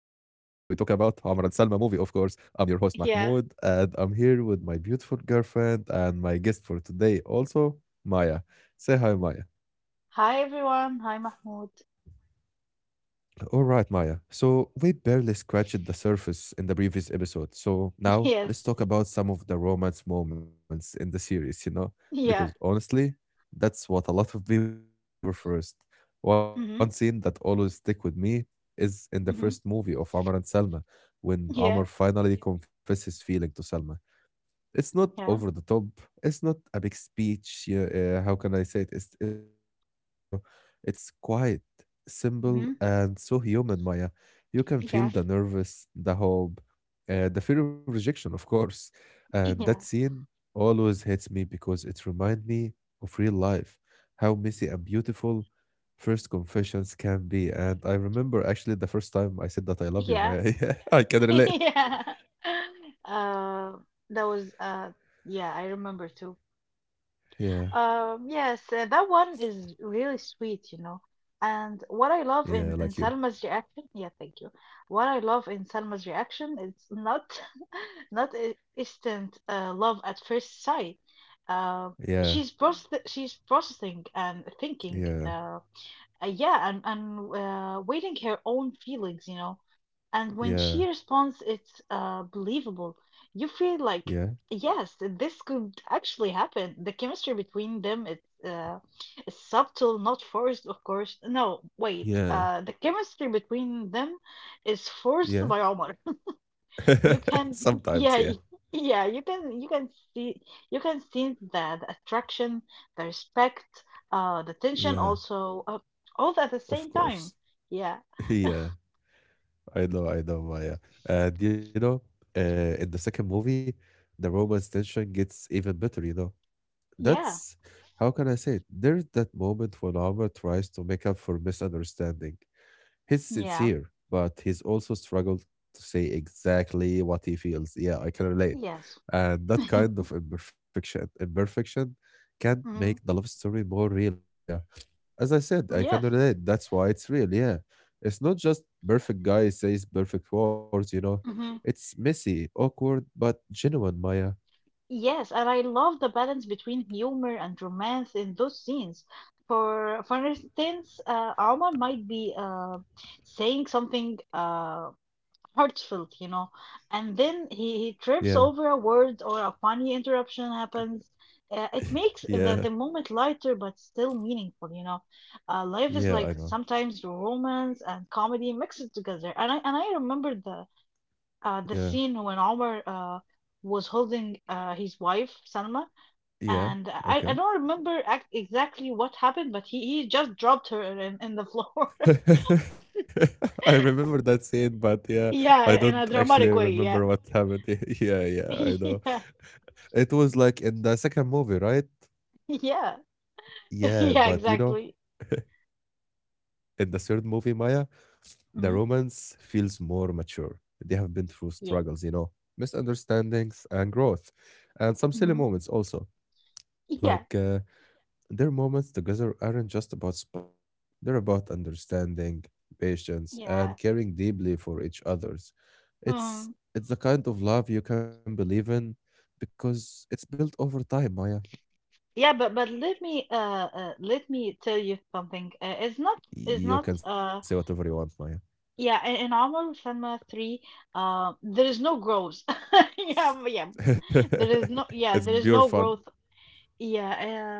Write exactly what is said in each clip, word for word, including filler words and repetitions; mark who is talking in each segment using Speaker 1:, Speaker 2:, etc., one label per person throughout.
Speaker 1: Omar and Salma movie, of course. I'm your
Speaker 2: Yeah.
Speaker 1: host, Mahmoud, and I'm here with my beautiful girlfriend and my guest for today, also, Maya. Say hi, Maya.
Speaker 2: Hi everyone. Hi Mahmoud.
Speaker 1: All right, Maya. So we barely scratched the surface in the previous episode. So now
Speaker 2: Yes.
Speaker 1: let's talk about some of the romance moments in the series, you know? Because
Speaker 2: Yeah.
Speaker 1: honestly, that's what a lot of people remember first. One scene that
Speaker 2: Mhm.
Speaker 1: always stick with me is in the first
Speaker 2: Mhm.
Speaker 1: movie of Amr and Salma when Amr
Speaker 2: Yeah.
Speaker 1: finally confesses feeling to Salma. It's not over
Speaker 2: Yeah.
Speaker 1: the top. It's not a big speech. Yeah, uh, how can I say it? It's it's not a big speech. You know, it's quiet, simple,
Speaker 2: Mhm.
Speaker 1: and so human. Maya, you can feel
Speaker 2: Yeah.
Speaker 1: the nervous, the hope, uh, the fear of rejection, of course. And that
Speaker 2: Yeah.
Speaker 1: scene always hits me because it reminds me of real life, how messy and beautiful first confessions can be. And I remember actually the first time I said that I love you,
Speaker 2: Yeah.
Speaker 1: Maya. Yeah, I can relate.
Speaker 2: Yeah. Uh, that was uh yeah, I remember too.
Speaker 1: Yeah,
Speaker 2: Um, yes, uh, that one is really sweet, you know. And what I
Speaker 1: yeah,
Speaker 2: love
Speaker 1: like you.
Speaker 2: in, in Salma's reaction, yeah, thank you. What I love in Salma's reaction, it's not not i- instant uh, love at first sight. Uh,
Speaker 1: Yeah.
Speaker 2: she's Mm. process she's processing and thinking,
Speaker 1: Yeah,
Speaker 2: uh, uh, yeah, and and uh, waiting her own feelings, you know. And when
Speaker 1: yeah,
Speaker 2: she responds, it's uh, believable. You feel
Speaker 1: yeah,
Speaker 2: like, yes, this could actually happen. The chemistry between them it's uh, is subtle, not forced, of course. No, wait.
Speaker 1: yeah,
Speaker 2: Uh, the chemistry between them is forced
Speaker 1: yeah.
Speaker 2: by Omar. You can,
Speaker 1: Sometimes,
Speaker 2: yeah,
Speaker 1: yeah,
Speaker 2: y- yeah. You can, you can see, you can see that the attraction, the respect, uh, the tension,
Speaker 1: yeah,
Speaker 2: also, uh, all at the
Speaker 1: of
Speaker 2: same
Speaker 1: course.
Speaker 2: time. Yeah,
Speaker 1: Yeah, I know, I know, Maya. And you know, uh, in the second movie, the romance tension gets even better, you know.
Speaker 2: yeah,
Speaker 1: That's how can I say it? There's that moment when Alma tries to make up for misunderstanding. He's
Speaker 2: yeah.
Speaker 1: sincere, but he's also struggled to say exactly what he feels. Yeah, I can relate.
Speaker 2: Yes.
Speaker 1: And that kind of imperfection, imperfection can
Speaker 2: Hmm.
Speaker 1: make the love story more real, Maya. As I said, I can
Speaker 2: Yes.
Speaker 1: relate. That's why it's real. Yeah. It's not just perfect guy says perfect words, you know.
Speaker 2: Hmm.
Speaker 1: It's messy, awkward, but genuine, Maya.
Speaker 2: Yes, and I love the balance between humor and romance in those scenes. For for
Speaker 1: Yeah,
Speaker 2: instance, uh, Omar might be uh, saying something uh, heartfelt, you know, and then he, he
Speaker 1: yeah,
Speaker 2: trips over a word or a funny interruption happens. Uh, it
Speaker 1: yeah,
Speaker 2: makes the, the moment lighter but still meaningful, you know. Uh,
Speaker 1: yeah,
Speaker 2: life
Speaker 1: I
Speaker 2: is
Speaker 1: know.
Speaker 2: like sometimes romance and comedy mixed together, and I and I remember the uh, the
Speaker 1: Yeah,
Speaker 2: scene when Omar uh, was holding uh, his wife Salma,
Speaker 1: yeah.
Speaker 2: and
Speaker 1: Okay.
Speaker 2: I, I don't remember ac exactly what happened, but he, he just dropped her in, in the floor.
Speaker 1: I remember that scene, but yeah, I
Speaker 2: Yeah,
Speaker 1: don't
Speaker 2: in a
Speaker 1: actually
Speaker 2: dramatic way.
Speaker 1: remember
Speaker 2: Yeah,
Speaker 1: what happened. Yeah, yeah, I know.
Speaker 2: yeah,
Speaker 1: It was like in the second movie, right?
Speaker 2: yeah,
Speaker 1: Yeah,
Speaker 2: yeah,
Speaker 1: but you know,
Speaker 2: exactly.
Speaker 1: in the third movie, Maya, the romance
Speaker 2: Hmm.
Speaker 1: feels more mature. They have been through struggles, you know,
Speaker 2: Yeah,
Speaker 1: misunderstandings and growth, and some silly
Speaker 2: hmm,
Speaker 1: moments also, like
Speaker 2: yeah,
Speaker 1: uh, Their moments together aren't just about sparks, they're about understanding, patience, and
Speaker 2: yeah.
Speaker 1: caring deeply for each other's. It's
Speaker 2: Um,
Speaker 1: it's the kind of love you can believe in because it's built over time, Maya.
Speaker 2: yeah, but but let me uh, uh let me tell you something. Uh, it's not it's
Speaker 1: You can
Speaker 2: not
Speaker 1: say whatever
Speaker 2: uh
Speaker 1: you want, Maya.
Speaker 2: yeah in, in Omar Salma three. Uh, there is no growth. Yeah, yeah. There is no,
Speaker 1: It's
Speaker 2: yeah, there
Speaker 1: pure
Speaker 2: is no
Speaker 1: fun.
Speaker 2: growth. Yeah,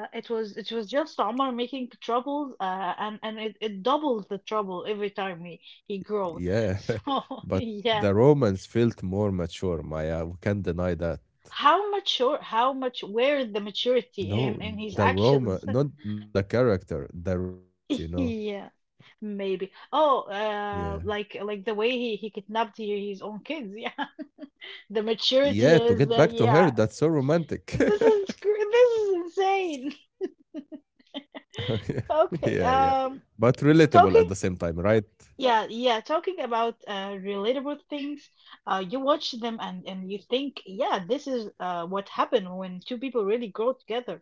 Speaker 2: uh, it was it was just Omar making troubles, uh, and and it, it doubles the trouble every time he he grows.
Speaker 1: Yeah.
Speaker 2: So
Speaker 1: But
Speaker 2: yeah,
Speaker 1: the romance felt more mature, Maya. We can't deny that.
Speaker 2: how mature, how much, where the maturity
Speaker 1: No,
Speaker 2: in in
Speaker 1: the
Speaker 2: his
Speaker 1: Roma,
Speaker 2: actions?
Speaker 1: not not the character, the romance, you know.
Speaker 2: Yeah, maybe.
Speaker 1: Yeah.
Speaker 2: Oh, uh, like like the way he he kidnapped he- his own kids. Yeah, the
Speaker 1: Yeah, to get
Speaker 2: maturity
Speaker 1: back to
Speaker 2: is
Speaker 1: her,
Speaker 2: uh,
Speaker 1: that's so
Speaker 2: yeah.
Speaker 1: romantic.
Speaker 2: This is cr- this is insane.
Speaker 1: Yeah, yeah, yeah.
Speaker 2: Okay,
Speaker 1: But
Speaker 2: um.
Speaker 1: relatable at the same
Speaker 2: Talking
Speaker 1: time, right?
Speaker 2: Yeah, yeah, talking about uh, relatable things, uh, you watch them and, and you think, yeah, this is uh, what happened when two people really grow together.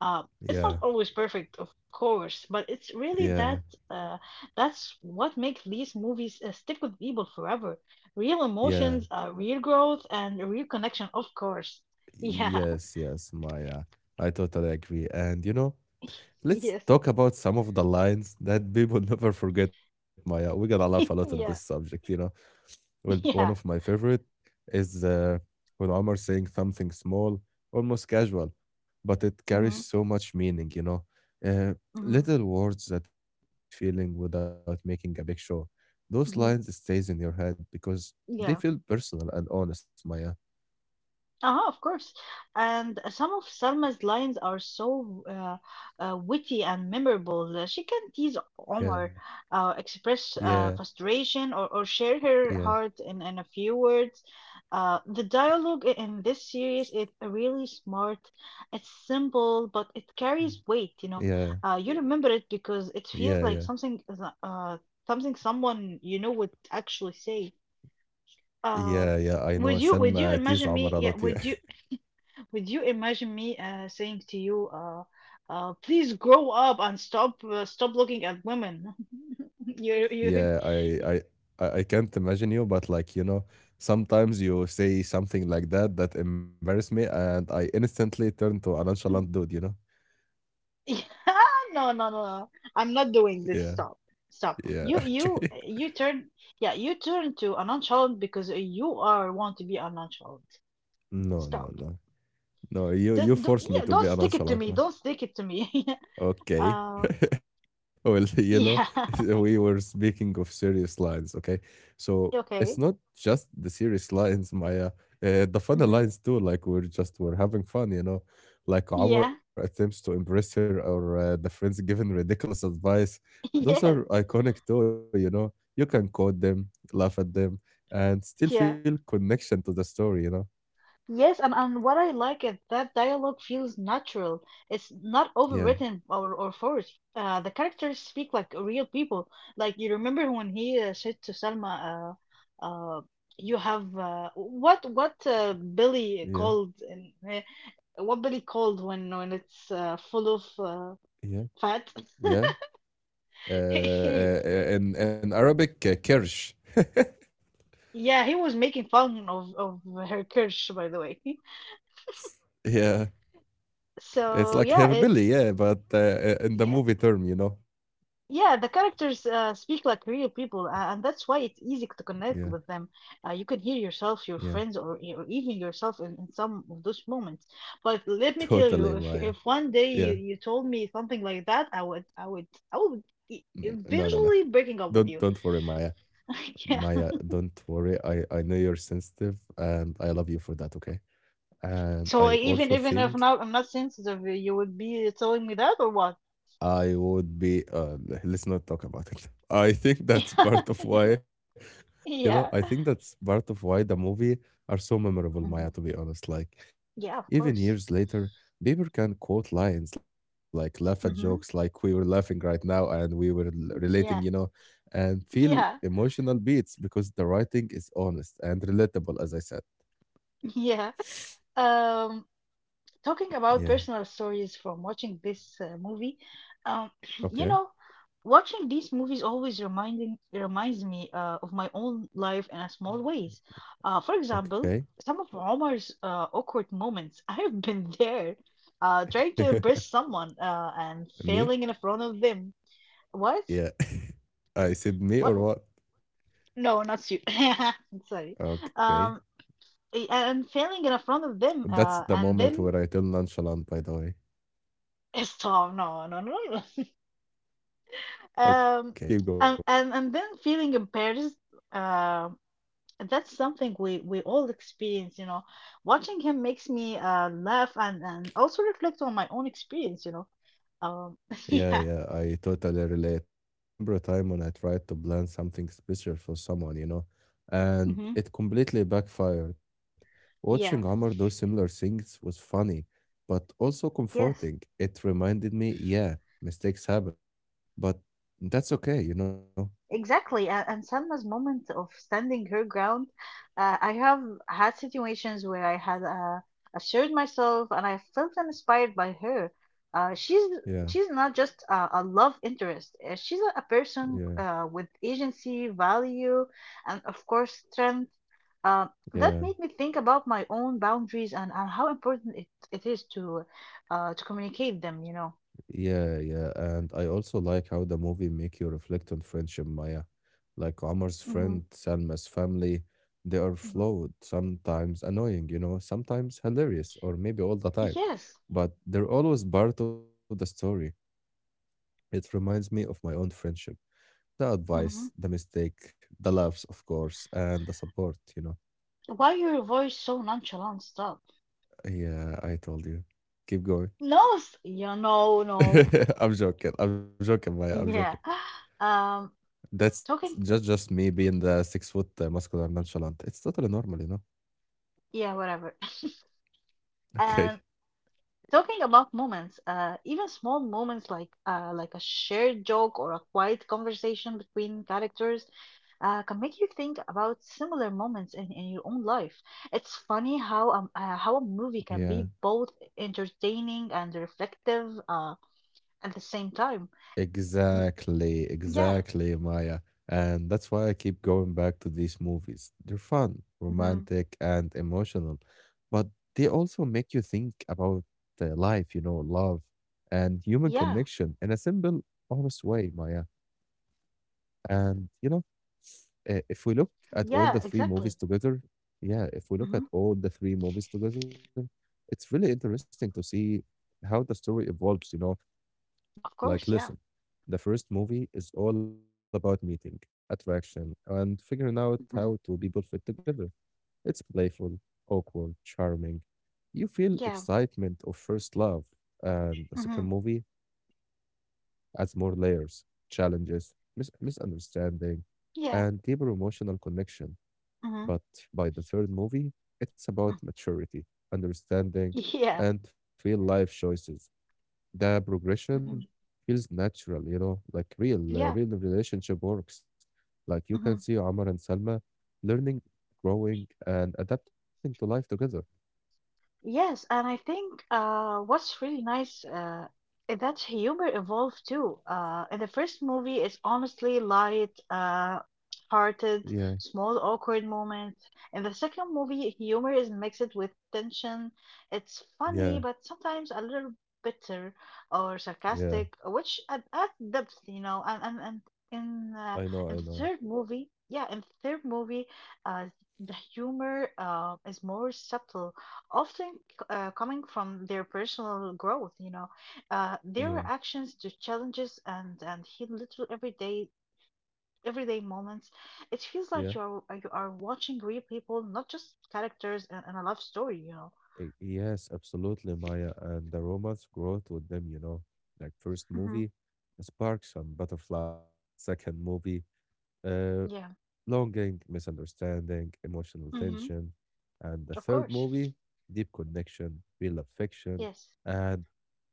Speaker 2: Uh, it's
Speaker 1: Yeah,
Speaker 2: not always perfect, of course, but it's really
Speaker 1: yeah,
Speaker 2: that uh, that's what makes these movies uh, stick with people forever. Real
Speaker 1: yeah.
Speaker 2: emotions, uh, real growth, and a real connection, of course. Yeah,
Speaker 1: Yes, yes, Maya. I totally agree. And you know, let's
Speaker 2: yes,
Speaker 1: talk about some of the lines that people never forget, Maya. We're gonna laugh a lot on this
Speaker 2: yeah,
Speaker 1: subject, you know. Well, one of
Speaker 2: yeah.
Speaker 1: my favorite is uh, when Omar saying something small, almost casual, but it carries
Speaker 2: Hmm.
Speaker 1: so much meaning, you know. Uh,
Speaker 2: Hmm.
Speaker 1: Little words that reveal his feeling without making a big show. Those lines
Speaker 2: Hmm.
Speaker 1: stays in your head because they feel
Speaker 2: Yeah.
Speaker 1: personal and honest, Maya.
Speaker 2: Ah, of course. And uh, some of Salma's lines are so uh, uh, witty and memorable. Uh, She can tease
Speaker 1: Yeah,
Speaker 2: Omar, uh,
Speaker 1: yeah,
Speaker 2: express uh, frustration, or, or share
Speaker 1: yeah,
Speaker 2: her heart in, in a few words. Uh, the dialogue i- in this series is really smart. It's simple, but it carries
Speaker 1: yeah,
Speaker 2: weight, you know. Uh, you remember
Speaker 1: yeah,
Speaker 2: it
Speaker 1: yeah.
Speaker 2: because it feels like something, is, uh, something someone you know would actually say.
Speaker 1: Yeah, yeah, I
Speaker 2: Uh,
Speaker 1: know
Speaker 2: would
Speaker 1: Selma
Speaker 2: you would
Speaker 1: tease
Speaker 2: you
Speaker 1: Amar a
Speaker 2: imagine me
Speaker 1: Yeah,
Speaker 2: yeah would you would you imagine me uh, saying to you, uh, uh, please grow up and stop uh, stop looking at women? you
Speaker 1: yeah,
Speaker 2: you
Speaker 1: I, I, I I can't imagine you, but like you know, sometimes you say something like that that embarrass me, and I instantly turn to a nonchalant dude. You know?
Speaker 2: yeah, no no no no. I'm not doing this.
Speaker 1: Yeah,
Speaker 2: Stop stop.
Speaker 1: yeah,
Speaker 2: You you
Speaker 1: okay.
Speaker 2: you turn yeah you turn to a nonchalant because you are want to be a nonchalant.
Speaker 1: No, no,
Speaker 2: Stop.
Speaker 1: no, no. You you
Speaker 2: Don't, don't,
Speaker 1: force me
Speaker 2: yeah,
Speaker 1: to
Speaker 2: don't
Speaker 1: be a
Speaker 2: stick it to
Speaker 1: nonchalant
Speaker 2: me.
Speaker 1: man.
Speaker 2: Don't stick it to me.
Speaker 1: Okay.
Speaker 2: uh,
Speaker 1: Well, you know,
Speaker 2: yeah.
Speaker 1: we were speaking of serious lines, okay? So it's
Speaker 2: okay.
Speaker 1: not just the serious lines, Maya. Uh, the funny
Speaker 2: Hmm.
Speaker 1: lines too, like we're just we're having fun, you know. Like Omar
Speaker 2: Yeah.
Speaker 1: attempts to impress her, or uh, the friends giving ridiculous advice. Those are
Speaker 2: Yes.
Speaker 1: iconic too, you know. You can quote them, laugh at them, and still feel
Speaker 2: Yeah.
Speaker 1: connection to the story, you know.
Speaker 2: Yes, and, and what I like is that dialogue feels natural. It's not
Speaker 1: Yeah,
Speaker 2: overwritten or, or forced. Uh, the characters speak like real people. Like you remember when he uh, said to Selma, uh, uh, "You have uh, what what uh, Billy
Speaker 1: yeah,
Speaker 2: called and uh, what Billy called when when it's uh, full of uh,
Speaker 1: yeah,
Speaker 2: fat."
Speaker 1: yeah. Uh,
Speaker 2: He,
Speaker 1: uh, in in Arabic uh, kirsch.
Speaker 2: yeah, he was making fun of of her curse, by the way.
Speaker 1: Yeah, it's like
Speaker 2: So
Speaker 1: herbili,
Speaker 2: yeah,
Speaker 1: yeah,
Speaker 2: it's.
Speaker 1: but uh, uh, in the movie term, you know.
Speaker 2: Yeah, the characters uh, speak like real people, uh, and that's why it's
Speaker 1: Yeah,
Speaker 2: easy to connect with them. Uh, you can hear
Speaker 1: yeah,
Speaker 2: yourself, your friends, or, e- or even yourself in, in some of those moments. But let me tell
Speaker 1: totally,
Speaker 2: you, if
Speaker 1: Maya.
Speaker 2: if one
Speaker 1: Yeah,
Speaker 2: day you, you told me something like that, I would I would
Speaker 1: N-
Speaker 2: I
Speaker 1: no,
Speaker 2: would
Speaker 1: no, no.
Speaker 2: e-
Speaker 1: Don't
Speaker 2: eventually
Speaker 1: don't worry,
Speaker 2: breaking up
Speaker 1: Maya.
Speaker 2: with you.
Speaker 1: Maya,
Speaker 2: Yeah.
Speaker 1: don't worry. I I know you're sensitive, and I love you for that. Okay. And I
Speaker 2: So
Speaker 1: also
Speaker 2: even even
Speaker 1: think
Speaker 2: if not I'm not sensitive, you would be telling me that or what?
Speaker 1: I would be uh, l- let's not talk about it. I think that's part of
Speaker 2: Yeah.
Speaker 1: why, you know, I
Speaker 2: Yeah.
Speaker 1: think that's part of why the movie are so memorable,
Speaker 2: Mhm.
Speaker 1: Maya, to be honest. Like,
Speaker 2: Yeah,
Speaker 1: even
Speaker 2: of
Speaker 1: years
Speaker 2: course.
Speaker 1: later, people can quote lines, like laugh at jokes, like
Speaker 2: Hmm.
Speaker 1: we were laughing right now and we were l- relating, you
Speaker 2: Yeah.
Speaker 1: know, and feel
Speaker 2: Yeah.
Speaker 1: emotional beats because the writing is honest and relatable, as I said.
Speaker 2: Yeah. Um, Talking about
Speaker 1: Yeah.
Speaker 2: personal stories from watching this uh, movie, um,
Speaker 1: Okay.
Speaker 2: you know, watching these movies always reminding reminds me uh, of my own life in a small ways. Uh, for
Speaker 1: Okay.
Speaker 2: example, some of Omar's uh, awkward moments. I have been there, uh, trying to impress someone uh, and
Speaker 1: Me?
Speaker 2: failing in front of them. What?
Speaker 1: Yeah. I said me or
Speaker 2: What?
Speaker 1: what?
Speaker 2: No, not you. Sorry.
Speaker 1: Okay.
Speaker 2: Um, a- and failing in front of them,
Speaker 1: That's
Speaker 2: uh,
Speaker 1: the
Speaker 2: and
Speaker 1: moment
Speaker 2: then
Speaker 1: where I tell nonchalant, by the way.
Speaker 2: stop. No, no, no.
Speaker 1: Okay, keep
Speaker 2: Um,
Speaker 1: going.
Speaker 2: and, and and then feeling embarrassed, uh, that's something we we all experience, you know. Watching him makes me uh laugh and and also reflect on my own experience, you know. Um,
Speaker 1: Yeah, yeah,
Speaker 2: yeah,
Speaker 1: I totally relate. I remember a time when I tried to plan something special for someone, you know, and
Speaker 2: hmm,
Speaker 1: it completely backfired. Watching
Speaker 2: yeah,
Speaker 1: Omar do similar things was funny, but also
Speaker 2: yes.
Speaker 1: comforting. It reminded me, yeah, mistakes happens, but that's okay, you know.
Speaker 2: Exactly, uh, and Selma's moment of standing her ground. Uh, I have had situations where I had uh, assured myself, and I felt inspired by her. Uh, she's
Speaker 1: Yeah,
Speaker 2: she's not just a, a love interest. Uh, She's a, a
Speaker 1: yeah,
Speaker 2: person uh, with agency, value, and of course strength. Uh, that
Speaker 1: yeah.
Speaker 2: made me think about my own boundaries and, and how important it, it is to uh, to communicate them. You know.
Speaker 1: Yeah, yeah, and I also like how the movie make you reflect on friendship, Maya. Like Omar's
Speaker 2: Mm-hmm.
Speaker 1: friend, Salma's family, they are
Speaker 2: Mm-hmm.
Speaker 1: flawed, sometimes annoying, you know, sometimes hilarious, or maybe all the time.
Speaker 2: Yes.
Speaker 1: But they're always part of the story. It reminds me of my own friendship. The advice, the mistake, the laughs, of course, and the support, you know.
Speaker 2: Why your voice so nonchalant? Stop.
Speaker 1: Yeah, I told you. Keep going.
Speaker 2: No, s- yeah, no, no.
Speaker 1: I'm joking. I'm joking, Maya. I'm joking.
Speaker 2: Yeah. Um,
Speaker 1: That's just just
Speaker 2: talking,
Speaker 1: me being the six foot uh, muscular nonchalant. It's totally normal, you know.
Speaker 2: yeah, whatever.
Speaker 1: Okay.
Speaker 2: And talking about moments, uh, even small moments like uh, like a shared joke or a quiet conversation between characters, uh, can make you think about similar moments in, in your own life. It's funny how um, uh, how a movie can
Speaker 1: Yeah,
Speaker 2: be both entertaining and reflective uh, at the same time.
Speaker 1: exactly,
Speaker 2: Yeah.
Speaker 1: exactly, Maya. And that's why I keep going back to these movies. They're fun,
Speaker 2: Hmm.
Speaker 1: romantic, and emotional, but they also make you think about uh, life, you know, love and human
Speaker 2: Yeah.
Speaker 1: connection in a simple, honest way, Maya. And, you know, uh, if we look at all the three
Speaker 2: Yeah.
Speaker 1: movies
Speaker 2: Exactly.
Speaker 1: together, yeah, if we look at
Speaker 2: Hmm.
Speaker 1: all the three movies together, it's really interesting to see how the story evolves, you know. Like,
Speaker 2: Of
Speaker 1: listen,
Speaker 2: course, yeah.
Speaker 1: the first movie is all about meeting, attraction, and figuring out how two
Speaker 2: Hmm.
Speaker 1: people fit together. It's playful, awkward, charming. You feel
Speaker 2: Yeah.
Speaker 1: excitement of first love, and the second
Speaker 2: Hmm.
Speaker 1: movie adds more layers, challenges, mis- misunderstanding, and deeper
Speaker 2: Yeah.
Speaker 1: emotional connection. But
Speaker 2: Hmm.
Speaker 1: by the third movie, it's about maturity, understanding,
Speaker 2: Yeah.
Speaker 1: and real life choices. The progression
Speaker 2: Hmm.
Speaker 1: feels natural, you know, like real, uh, real
Speaker 2: Yeah.
Speaker 1: relationship works. Like you can see
Speaker 2: Hmm. Yeah.
Speaker 1: Omar and Salma learning, growing, and adapting to life together.
Speaker 2: Yes, and I think uh, what's really nice uh, is that humor evolved too. Uh, in the first movie, it's honestly light, uh, hearted,
Speaker 1: Yeah,
Speaker 2: small, awkward moments. In the second movie, humor is mixed with tension. It's
Speaker 1: yeah,
Speaker 2: funny, but sometimes a little bitter or
Speaker 1: yeah.
Speaker 2: sarcastic, which ad- adds depth, you know. And and and in uh,
Speaker 1: I know, I
Speaker 2: in the
Speaker 1: know.
Speaker 2: third movie, yeah, in the third movie, uh, the humor uh, is more subtle often c- uh, coming from their personal growth, you know, uh, their
Speaker 1: Yeah,
Speaker 2: reactions to challenges and and hit little everyday everyday moments. It feels
Speaker 1: yeah.
Speaker 2: like you are you are watching real people, not just characters in, in a love story, you know.
Speaker 1: Uh, Yes, absolutely, Maya. And the romance growth with them, you know, like first
Speaker 2: Hmm.
Speaker 1: movie, sparks and butterflies. Second movie, uh,
Speaker 2: Yeah,
Speaker 1: longing, misunderstanding, emotional
Speaker 2: hmm,
Speaker 1: tension. And the
Speaker 2: of
Speaker 1: third
Speaker 2: course.
Speaker 1: movie, deep connection, real affection,
Speaker 2: Yes.
Speaker 1: and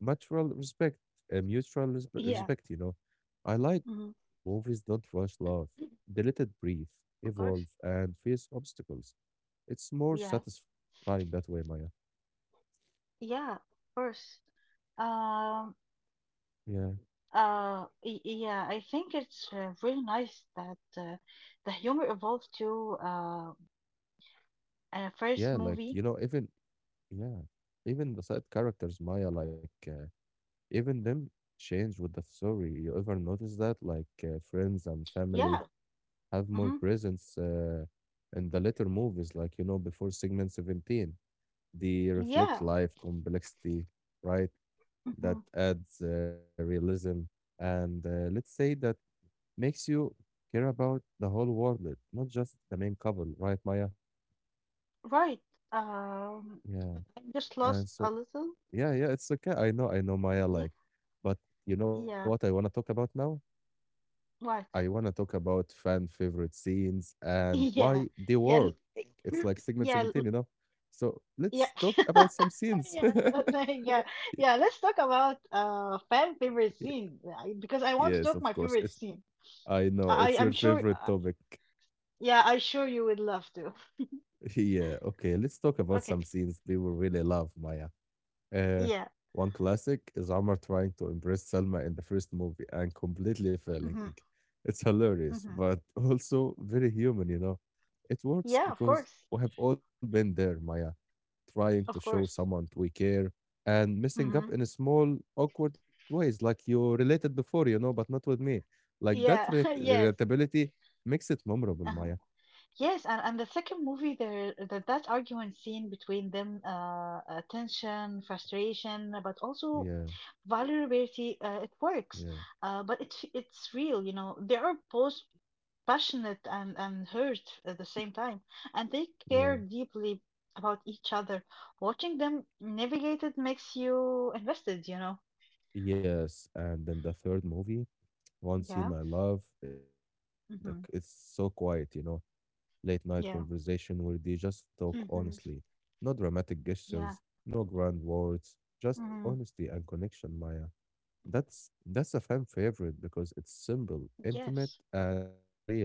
Speaker 1: mutual respect, uh, mutual respe-
Speaker 2: Yeah.
Speaker 1: respect, you know. I like
Speaker 2: Hmm.
Speaker 1: that the movies don't rush love, they let it breathe,
Speaker 2: Of course.
Speaker 1: evolve, and face obstacles. It's more
Speaker 2: Yeah.
Speaker 1: satisfying that way, Maya.
Speaker 2: Yeah, of course. Um,
Speaker 1: Yeah.
Speaker 2: uh, y- yeah, I think it's uh, really nice that uh, the humor evolved too. Uh,
Speaker 1: Yeah,
Speaker 2: Uh,
Speaker 1: like, you
Speaker 2: first
Speaker 1: know, even,
Speaker 2: movie,
Speaker 1: yeah, even the side characters, Maya, like, uh, even them change with the story. You ever notice that? Like uh, friends and family
Speaker 2: yeah,
Speaker 1: have more
Speaker 2: hmm,
Speaker 1: presence uh, in the later movies, like, you know, before segment seventeen. They reflect
Speaker 2: yeah,
Speaker 1: life complexity, right?
Speaker 2: hmm,
Speaker 1: That adds uh, realism. And uh, let's say that makes you care about the whole world, not just the main couple, right, Maya?
Speaker 2: right. Um,
Speaker 1: Yeah.
Speaker 2: I just
Speaker 1: And
Speaker 2: lost
Speaker 1: so,
Speaker 2: a little.
Speaker 1: yeah, yeah, it's okay. I know, I know, Maya,
Speaker 2: Yeah,
Speaker 1: like, but you know what I
Speaker 2: yeah,
Speaker 1: want to talk about now? I
Speaker 2: What?
Speaker 1: want to talk about fan favorite scenes and why
Speaker 2: Yeah,
Speaker 1: they
Speaker 2: yeah, l-
Speaker 1: work. It's like segment seventeen,
Speaker 2: yeah,
Speaker 1: you know?
Speaker 2: l-
Speaker 1: So let's
Speaker 2: yeah.
Speaker 1: talk about some scenes.
Speaker 2: Yeah, like, yeah, yeah. Let's talk about uh fan favorite
Speaker 1: Y-
Speaker 2: scene I- because I want to
Speaker 1: yes,
Speaker 2: talk
Speaker 1: of
Speaker 2: my
Speaker 1: course.
Speaker 2: favorite
Speaker 1: It's
Speaker 2: scene.
Speaker 1: I know it's
Speaker 2: I
Speaker 1: your
Speaker 2: I'm sure.
Speaker 1: favorite
Speaker 2: Uh,
Speaker 1: topic.
Speaker 2: yeah, I sure you would love to.
Speaker 1: Yeah, okay. Let's talk about
Speaker 2: Okay.
Speaker 1: some scenes people really love, Maya. Uh,
Speaker 2: Yeah.
Speaker 1: One classic is Amar trying to impress Selma in the first movie and completely failing.
Speaker 2: Mm-hmm.
Speaker 1: It's hilarious,
Speaker 2: Mm-hmm.
Speaker 1: but also very human, you know. It works
Speaker 2: Yeah. Of
Speaker 1: because
Speaker 2: course.
Speaker 1: we have all been there, Maya, trying to
Speaker 2: Of
Speaker 1: show
Speaker 2: course.
Speaker 1: someone we care and messing
Speaker 2: Mm-hmm.
Speaker 1: up in a small, awkward ways, like you related before, you know, but not with me. Like that
Speaker 2: Yeah.
Speaker 1: re-
Speaker 2: Yes.
Speaker 1: relatability makes it memorable,
Speaker 2: Uh-huh.
Speaker 1: Maya.
Speaker 2: Yes, and, and the second movie, there that that argument scene between them, uh, uh, tension, frustration, but also
Speaker 1: Yeah,
Speaker 2: vulnerability, uh, it works.
Speaker 1: yeah,
Speaker 2: Uh, but it it's real, you know. They are both passionate and and hurt at the same time, and they care
Speaker 1: yeah.
Speaker 2: deeply about each other. Watching them navigate it makes you invested, you know.
Speaker 1: Yes, and then the third movie. One
Speaker 2: Yeah.
Speaker 1: scene I love is that like
Speaker 2: Mm-hmm.
Speaker 1: it's so quiet, you know, late night
Speaker 2: Yeah.
Speaker 1: conversation where they just talk
Speaker 2: Hmm.
Speaker 1: honestly. No dramatic
Speaker 2: Yeah.
Speaker 1: gestures, no grand words, just
Speaker 2: Mm-hmm.
Speaker 1: honesty and connection, Maya. That's that's a fan favorite because it's simple, intimate,
Speaker 2: Yes.
Speaker 1: and so real.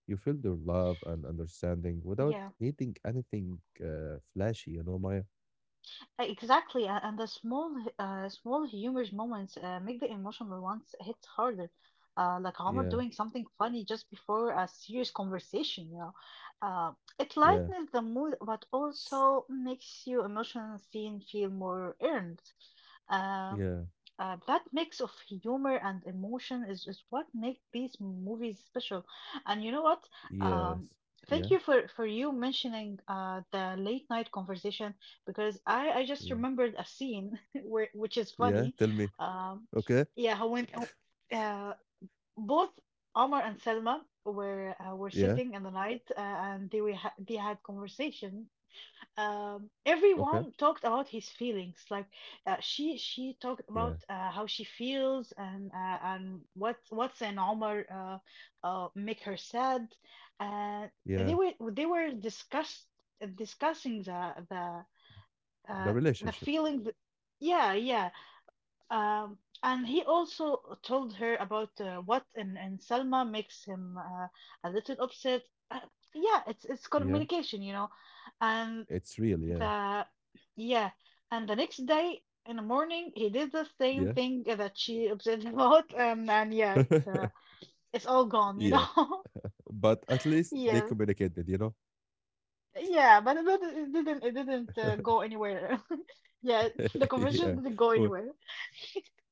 Speaker 1: You feel their love and understanding without
Speaker 2: Yeah.
Speaker 1: needing anything uh, flashy, you know, Maya.
Speaker 2: Exactly, a- and the small, uh, small humorous moments uh, make the emotional ones hit harder. Uh, like
Speaker 1: Yeah,
Speaker 2: Homer doing something funny just before a serious conversation, you know. Uh, it
Speaker 1: yeah,
Speaker 2: lightens the mood, but also makes your emotional scene feel more earned.
Speaker 1: yeah,
Speaker 2: Um, uh, that mix of humor and emotion is, is what make these movies special. And you know what?
Speaker 1: yes,
Speaker 2: Um,
Speaker 1: yeah,
Speaker 2: Thank you for, for you mentioning uh, the late night conversation because I, I
Speaker 1: yeah,
Speaker 2: just remembered a scene where which is
Speaker 1: yeah. Tell
Speaker 2: funny.
Speaker 1: me,
Speaker 2: Um,
Speaker 1: okay?
Speaker 2: yeah, how when uh, both Omar and Selma were uh, were
Speaker 1: Yeah.
Speaker 2: sitting in the night uh, and they were ha they had conversation
Speaker 1: Okay.
Speaker 2: um, everyone talked about his feelings. Like uh, she
Speaker 1: Yeah.
Speaker 2: she talked about uh, how she feels and uh, and what what's an Omar uh, uh, make her sad.
Speaker 1: Yeah.
Speaker 2: And they were they were discuss discussing the the
Speaker 1: The
Speaker 2: uh,
Speaker 1: relationship.
Speaker 2: the feeling. th- yeah, yeah. Um, and he also told her about uh, what and and Selma makes him uh, a little upset. Uh, yeah, it's
Speaker 1: Yeah.
Speaker 2: it's communication, you know.
Speaker 1: It's
Speaker 2: And
Speaker 1: real. Yeah.
Speaker 2: the yeah, and the next day in the morning he did the
Speaker 1: Yeah.
Speaker 2: same thing that she obsessed about, and and yeah, it's uh, it's all gone, you
Speaker 1: Yeah.
Speaker 2: know.
Speaker 1: But at least they
Speaker 2: Yes,
Speaker 1: communicated, you know?
Speaker 2: yeah, but it didn't it didn't it didn't, uh, go anywhere. Yeah, the
Speaker 1: Yeah.
Speaker 2: conversation didn't
Speaker 1: Well,
Speaker 2: go anywhere.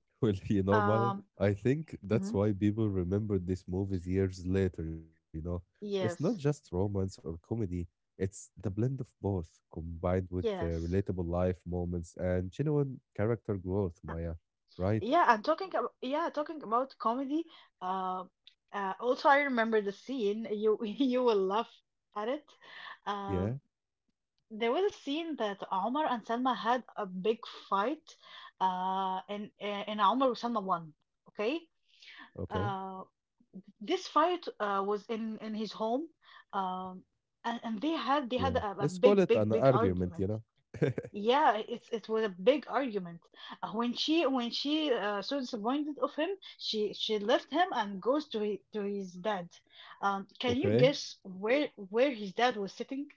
Speaker 1: well, you know, Maya,
Speaker 2: Um,
Speaker 1: I think that's
Speaker 2: mhm,
Speaker 1: why people remember these movies years later, you know? It's not just
Speaker 2: yes,
Speaker 1: romance or comedy, it's the blend of both combined with uh,
Speaker 2: yes.
Speaker 1: relatable life moments and genuine character growth,
Speaker 2: Uh,
Speaker 1: Maya. Right?
Speaker 2: Yeah, and talking about yeah, talking about comedy. Uh, uh, also, I remember the scene. You you will laugh at it. Um,
Speaker 1: Yeah.
Speaker 2: There was a scene that Omar and Salma had a big fight, uh, and and Omar Salma won. Okay,
Speaker 1: Okay.
Speaker 2: uh, this fight uh, was in in his home, um, and, and they
Speaker 1: Yeah.
Speaker 2: had they had
Speaker 1: Let's
Speaker 2: a,
Speaker 1: call
Speaker 2: a
Speaker 1: it an
Speaker 2: big big big
Speaker 1: argument, you know?
Speaker 2: argument. Yeah, it's it was a big argument. Uh, when she when she uh, so disappointed of him, she she left him and goes to his, to his dad. Um, can you
Speaker 1: Okay.
Speaker 2: guess where where his dad was sitting?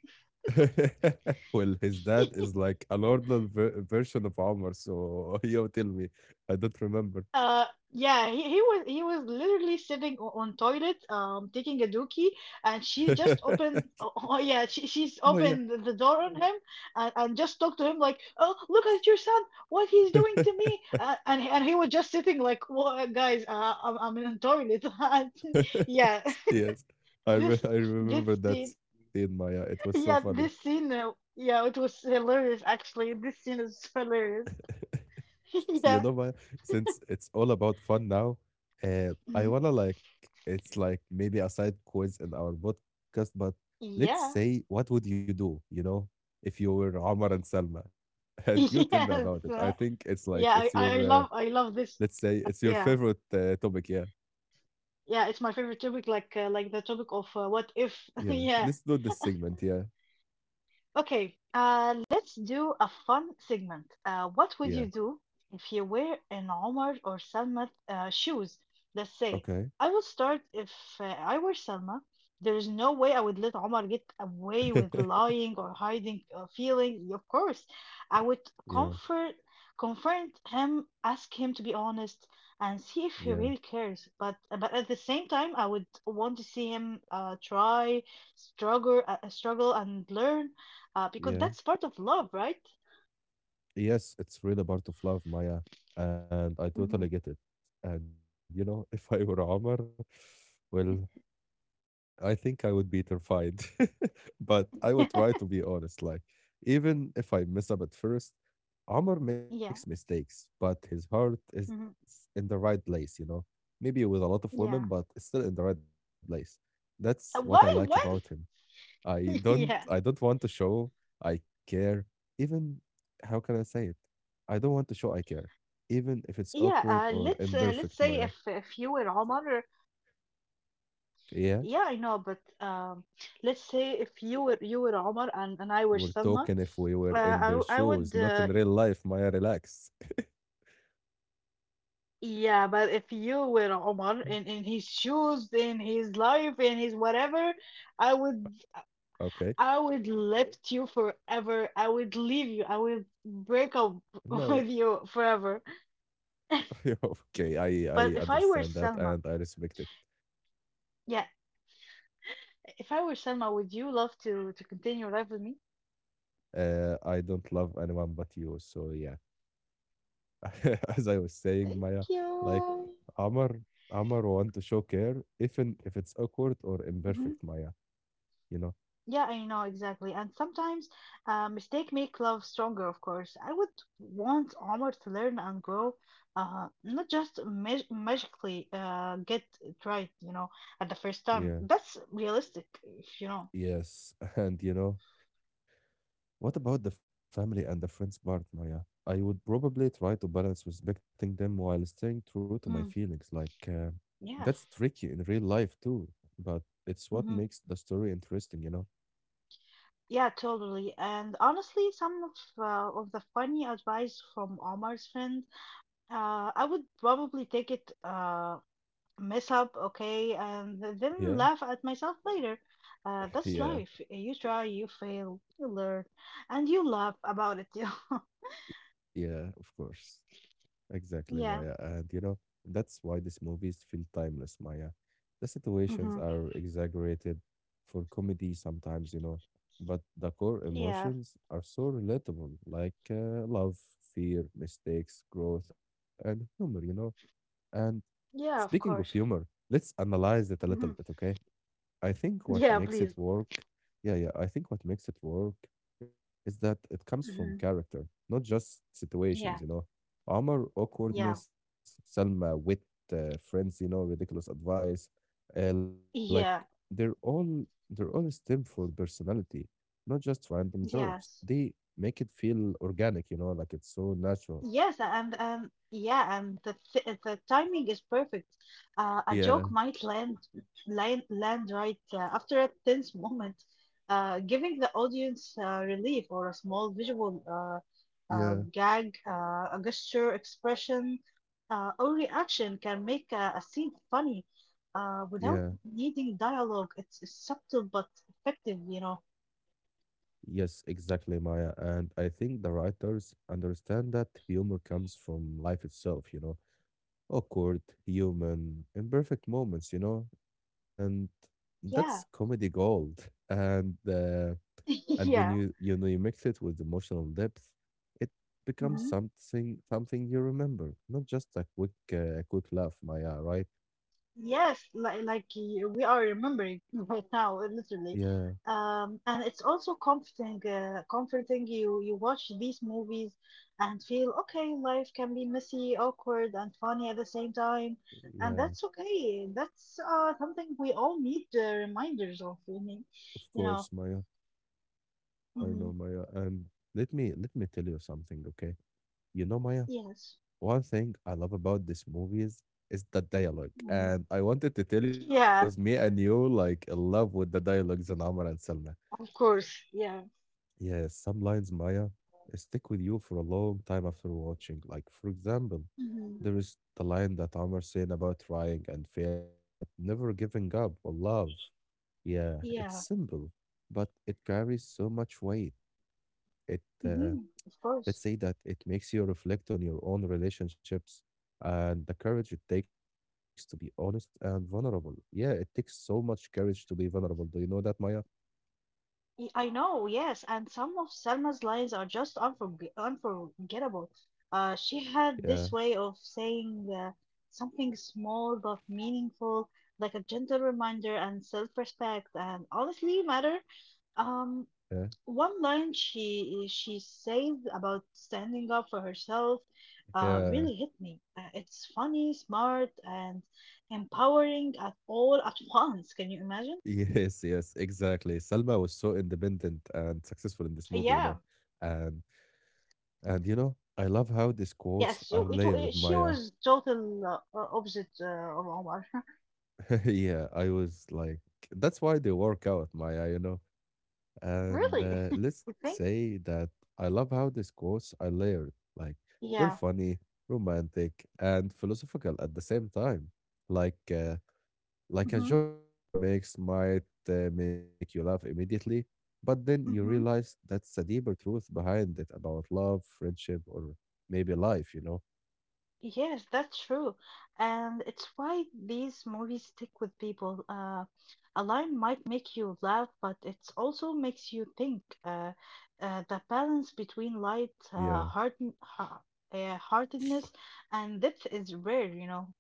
Speaker 1: Well, his dad is like a normal ver- version of Omar, so you tell me. I don't remember.
Speaker 2: Uh, yeah, he, he was he was literally sitting o- on toilet, um, taking a dookie, and she just
Speaker 1: Oh,
Speaker 2: opened. Oh, oh, yeah, she she's
Speaker 1: yeah.
Speaker 2: opened the the door on him and, and just talked to him like, "Oh, look at your son, what he's doing to me," uh, and and he was just sitting like, "Wha- guys, uh, I'm I'm in a toilet." And yeah,
Speaker 1: Yes. I, re-
Speaker 2: this
Speaker 1: I
Speaker 2: this
Speaker 1: remember that
Speaker 2: scene,
Speaker 1: scene, Maya. It was so
Speaker 2: yeah,
Speaker 1: funny.
Speaker 2: this scene, uh, yeah, it was hilarious actually. This scene is hilarious.
Speaker 1: See, you know,
Speaker 2: Yeah,
Speaker 1: my, since it's all about fun now, uh, I
Speaker 2: mhm,
Speaker 1: wanna like it's like maybe a side quiz in our podcast, but let's
Speaker 2: yeah,
Speaker 1: say what would you do, you know, if you were Omar and Salma, and you tell me about
Speaker 2: yes.
Speaker 1: it. I think it's like
Speaker 2: Yeah,
Speaker 1: it's
Speaker 2: I, I I
Speaker 1: your, uh,
Speaker 2: love I love
Speaker 1: let's
Speaker 2: this.
Speaker 1: say it's your
Speaker 2: Yeah,
Speaker 1: favorite uh, topic. Yeah,
Speaker 2: yeah, it's my favorite topic. Like uh, like the topic of uh, what if.
Speaker 1: yeah. Let's
Speaker 2: Yeah,
Speaker 1: do this segment. Yeah,
Speaker 2: okay, uh, let's do a fun segment. Uh, what would you
Speaker 1: yeah.
Speaker 2: do if you were in Omar or Salma's uh, shoes? Let's say
Speaker 1: Okay.
Speaker 2: I will start if uh, I were Salma. There is no way I would let Omar get away with lying or hiding uh, feelings. Of course, I would
Speaker 1: Yeah,
Speaker 2: comfort confront him, ask him to be honest, and see if he
Speaker 1: yeah,
Speaker 2: really cares. But but at the same time, I would want to see him uh, try, struggle, uh, struggle and learn uh, because
Speaker 1: yeah.
Speaker 2: that's part of love, right?
Speaker 1: Yes, it's really part of love, Maya, and I totally
Speaker 2: Hmm.
Speaker 1: get it. And you know, if I were Omar, well, I think I would be terrified. But I would try to be honest. Like, even if I mess up at first, Omar makes
Speaker 2: Yeah.
Speaker 1: mistakes, but his heart is in
Speaker 2: Hmm.
Speaker 1: the right place, you know? Maybe with a lot of women, but
Speaker 2: Yeah.
Speaker 1: it's still in the right place. That's what I
Speaker 2: Uh,
Speaker 1: like
Speaker 2: Why?
Speaker 1: about him.
Speaker 2: Why?
Speaker 1: I don't I
Speaker 2: Yeah.
Speaker 1: don't want to show I care, even — how can I say it? I don't want to show I care even if it's
Speaker 2: Yeah.
Speaker 1: awkward
Speaker 2: Uh,
Speaker 1: or
Speaker 2: let's uh, let's
Speaker 1: imperfect,
Speaker 2: say
Speaker 1: Maya.
Speaker 2: if if you were Omar,
Speaker 1: Yeah,
Speaker 2: yeah, I know, but um, let's say if you were you were Omar
Speaker 1: we're
Speaker 2: and and I were
Speaker 1: talking if we
Speaker 2: Selma,
Speaker 1: were in
Speaker 2: uh,
Speaker 1: their
Speaker 2: I w-
Speaker 1: shoes,
Speaker 2: I
Speaker 1: not in
Speaker 2: would
Speaker 1: real
Speaker 2: uh,
Speaker 1: life, Maya. Relax.
Speaker 2: yeah, but if you were Omar in in his shoes, in his life, in his whatever, I
Speaker 1: Okay.
Speaker 2: would I would lift you forever. I would leave you. I would break up
Speaker 1: No.
Speaker 2: with you forever.
Speaker 1: Yeah, okay. I I
Speaker 2: But if I
Speaker 1: understand
Speaker 2: were
Speaker 1: that and
Speaker 2: Selma,
Speaker 1: I respect it.
Speaker 2: yeah, if I were Selma, would you love to to continue your life with me?
Speaker 1: Uh, I don't love anyone but you, so yeah. As I was saying,
Speaker 2: Thank
Speaker 1: Maya, like
Speaker 2: you.
Speaker 1: Amar, Amar want to show care, even if it's awkward or
Speaker 2: Mhm.
Speaker 1: imperfect, Maya. You know?
Speaker 2: Yeah, I know exactly. And sometimes uh, mistake make love stronger, of course. I would want Omar to learn and grow, uh, not just mag magically uh, get it right, you know, at the first time.
Speaker 1: Yeah.
Speaker 2: That's realistic, if you know.
Speaker 1: Yes. And you know, what about the family and the friends part, Maya? I would probably try to balance respecting them while staying true to my
Speaker 2: Mm,
Speaker 1: feelings. Like, uh,
Speaker 2: yeah.
Speaker 1: that's tricky in real life too, but it's what
Speaker 2: Hmm.
Speaker 1: makes the story interesting, you know?
Speaker 2: Yeah, totally. And honestly, some of uh, of the funny advice from Omar's friend, Uh, I would probably take it uh mess up, okay, and th-
Speaker 1: Yeah.
Speaker 2: then laugh at myself later. Uh, that's
Speaker 1: Yeah.
Speaker 2: life. You try, you fail, you learn, and you laugh about it. Yeah.
Speaker 1: Yeah, of course. Exactly, Maya.
Speaker 2: Yeah.
Speaker 1: And you know, that's why these movies feel timeless, Maya. The situations
Speaker 2: Hmm.
Speaker 1: are exaggerated for comedy sometimes, you know, but the core
Speaker 2: Yeah.
Speaker 1: emotions are so relatable, like uh, love, fear, mistakes, growth, and humor, you know. And
Speaker 2: Yeah, of
Speaker 1: speaking of
Speaker 2: course.
Speaker 1: humor, let's analyze it a little
Speaker 2: Hmm.
Speaker 1: bit, okay? I think what
Speaker 2: Yeah,
Speaker 1: makes it
Speaker 2: please.
Speaker 1: work, yeah, yeah, I think what makes it work is that it comes from
Speaker 2: Hmm.
Speaker 1: character, not just situations,
Speaker 2: Yeah.
Speaker 1: you know. Omar,
Speaker 2: Yeah.
Speaker 1: awkwardness, Salma, wit, uh, friends, you know, ridiculous advice. Uh, like
Speaker 2: Yeah.
Speaker 1: they're all they're all stem for personality, not just random jokes.
Speaker 2: Yes.
Speaker 1: They make it feel organic, you know, like it's so natural.
Speaker 2: Yes, and um, yeah, and the th the timing is perfect. Uh, a joke
Speaker 1: Yeah,
Speaker 2: might land land land right uh, after a tense moment, uh, giving the audience uh, relief or a small visual uh,
Speaker 1: yeah,
Speaker 2: uh, gag, uh, a gesture, expression, uh, or reaction can make a, a scene funny uh,
Speaker 1: yeah.
Speaker 2: without needing dialogue. It's, it's subtle but effective, you know.
Speaker 1: Yes, exactly, Maya. And I think the writers understand that humor comes from life itself, you know, awkward, human, imperfect moments, you know, and that's
Speaker 2: Yeah,
Speaker 1: comedy gold. And uh, and when
Speaker 2: yeah.
Speaker 1: you you know you mix it with emotional depth, it becomes
Speaker 2: Mhm.
Speaker 1: something something you remember, not just a quick uh, a quick laugh, Maya. Right?
Speaker 2: Yes, like like y- we are remembering right now,
Speaker 1: Yeah,
Speaker 2: literally. Um, and it's also comforting, uh, comforting you you watch these movies and feel okay, life can be messy, awkward, and funny at the same time,
Speaker 1: yeah.
Speaker 2: and that's okay. That's uh something we all need uh, reminders of. I mean,
Speaker 1: Of
Speaker 2: you
Speaker 1: course,
Speaker 2: know.
Speaker 1: Maya. I know,
Speaker 2: Hmm.
Speaker 1: Maya. And let me let me tell you something, okay? You know, Maya,
Speaker 2: Yes.
Speaker 1: one thing I love about this movie is, is the dialogue.
Speaker 2: Mhm.
Speaker 1: And I wanted to tell you that
Speaker 2: Yeah,
Speaker 1: because me and you like in love with the dialogues in Amr and Salma.
Speaker 2: of course. Yeah.
Speaker 1: Yes, some lines, Maya, stick with you for a long time after watching. Like, for example, there
Speaker 2: Hmm.
Speaker 1: is the line that Amr saying about trying and failing, but never giving up or love. Yeah, it's
Speaker 2: Yeah.
Speaker 1: simple, but it carries so much weight. It uh,
Speaker 2: Hmm.
Speaker 1: Let's
Speaker 2: Of
Speaker 1: say that
Speaker 2: course.
Speaker 1: it makes you reflect on your own relationships and the courage it takes to be honest and vulnerable. Yeah, it takes so much courage to be vulnerable. Do you know that, Maya?
Speaker 2: Y- I know, yes, and some of Selma's lines are just unforg unforgettable. Uh, she
Speaker 1: Yeah,
Speaker 2: had this way of saying uh, something small but meaningful, like a gentle reminder and self-respect, and honestly, matter. Um,
Speaker 1: yeah,
Speaker 2: one line she she said about standing up for herself uh,
Speaker 1: yeah.
Speaker 2: really hit me. Uh, it's funny, smart, and empowering at all at once. Can you
Speaker 1: Yes,
Speaker 2: imagine?
Speaker 1: yes, exactly. Salma was so independent and successful in this movie, you know.
Speaker 2: Yeah.
Speaker 1: And and you know, I love how these quotes
Speaker 2: Yes,
Speaker 1: are
Speaker 2: so it, wa-
Speaker 1: layered,
Speaker 2: it she
Speaker 1: Maya.
Speaker 2: was total uh, uh, opposite uh, of Omar.
Speaker 1: Yeah, I was like, that's why they work out, Maya, you know. And
Speaker 2: Really?
Speaker 1: uh, let's
Speaker 2: You think?
Speaker 1: say that I love how these quotes are layered. Like they're
Speaker 2: Yeah.
Speaker 1: funny, romantic, and philosophical at the same time. Like uh, like a
Speaker 2: Hmm.
Speaker 1: joke Omar makes might uh, make you laugh immediately, but then you
Speaker 2: Mm-hmm.
Speaker 1: realize that's a deeper truth behind it about love, friendship, or maybe life. You know?
Speaker 2: Yes, that's true. And it's why these movies stick with people. Uh, a line might make you laugh, but it also makes you think. Uh, uh, the balance between light, uh,
Speaker 1: Yeah.
Speaker 2: harden, ha uh, heartedness, and depth is rare, you know.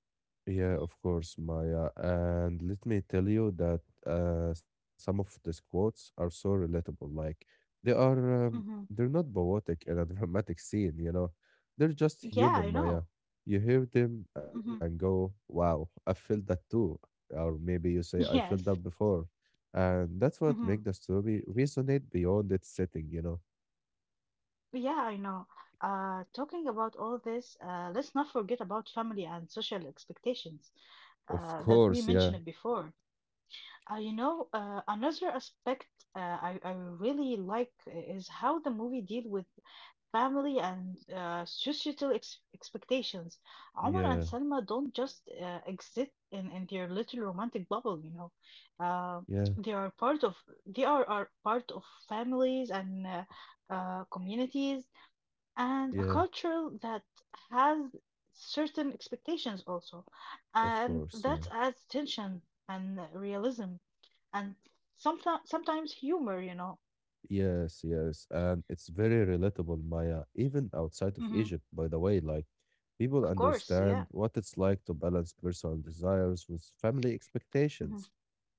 Speaker 1: Yeah, of course, Maya. And let me tell you that uh, some of these quotes are so relatable. Like they are, um,
Speaker 2: Hmm.
Speaker 1: they're not poetic in a dramatic scene, you know. They're just
Speaker 2: Yeah,
Speaker 1: human,
Speaker 2: I know.
Speaker 1: Maya. You hear them and
Speaker 2: Hmm.
Speaker 1: go, "Wow, I felt that too," or maybe you say, "I felt that
Speaker 2: Yes.
Speaker 1: before," and that's what
Speaker 2: Mm-hmm.
Speaker 1: makes the story resonate beyond its setting, you know.
Speaker 2: Yeah, I know. Uh, talking about all this, uh, let's not forget about family and social expectations
Speaker 1: Of
Speaker 2: uh, that we
Speaker 1: course, yeah,
Speaker 2: mentioned before. Uh, you know, uh, another aspect uh, I, I really like is how the movie deal with family and uh, societal ex expectations. Omar and
Speaker 1: yeah,
Speaker 2: Salma don't just uh, exist in, in their little romantic bubble, you know. Uh,
Speaker 1: yeah,
Speaker 2: they are part of they are, are part of families and uh, uh, communities and a
Speaker 1: yeah.
Speaker 2: culture that has certain expectations also,
Speaker 1: Of
Speaker 2: and
Speaker 1: course,
Speaker 2: that
Speaker 1: yeah.
Speaker 2: adds tension and realism and sometimes sometimes humor, you know.
Speaker 1: Yes, yes. And it's very relatable, Maya, even outside of
Speaker 2: Mm-hmm.
Speaker 1: Egypt, by the way. Like, people
Speaker 2: Of course, yeah.
Speaker 1: understand what it's like to balance personal desires with family
Speaker 2: Mm-hmm.
Speaker 1: expectations.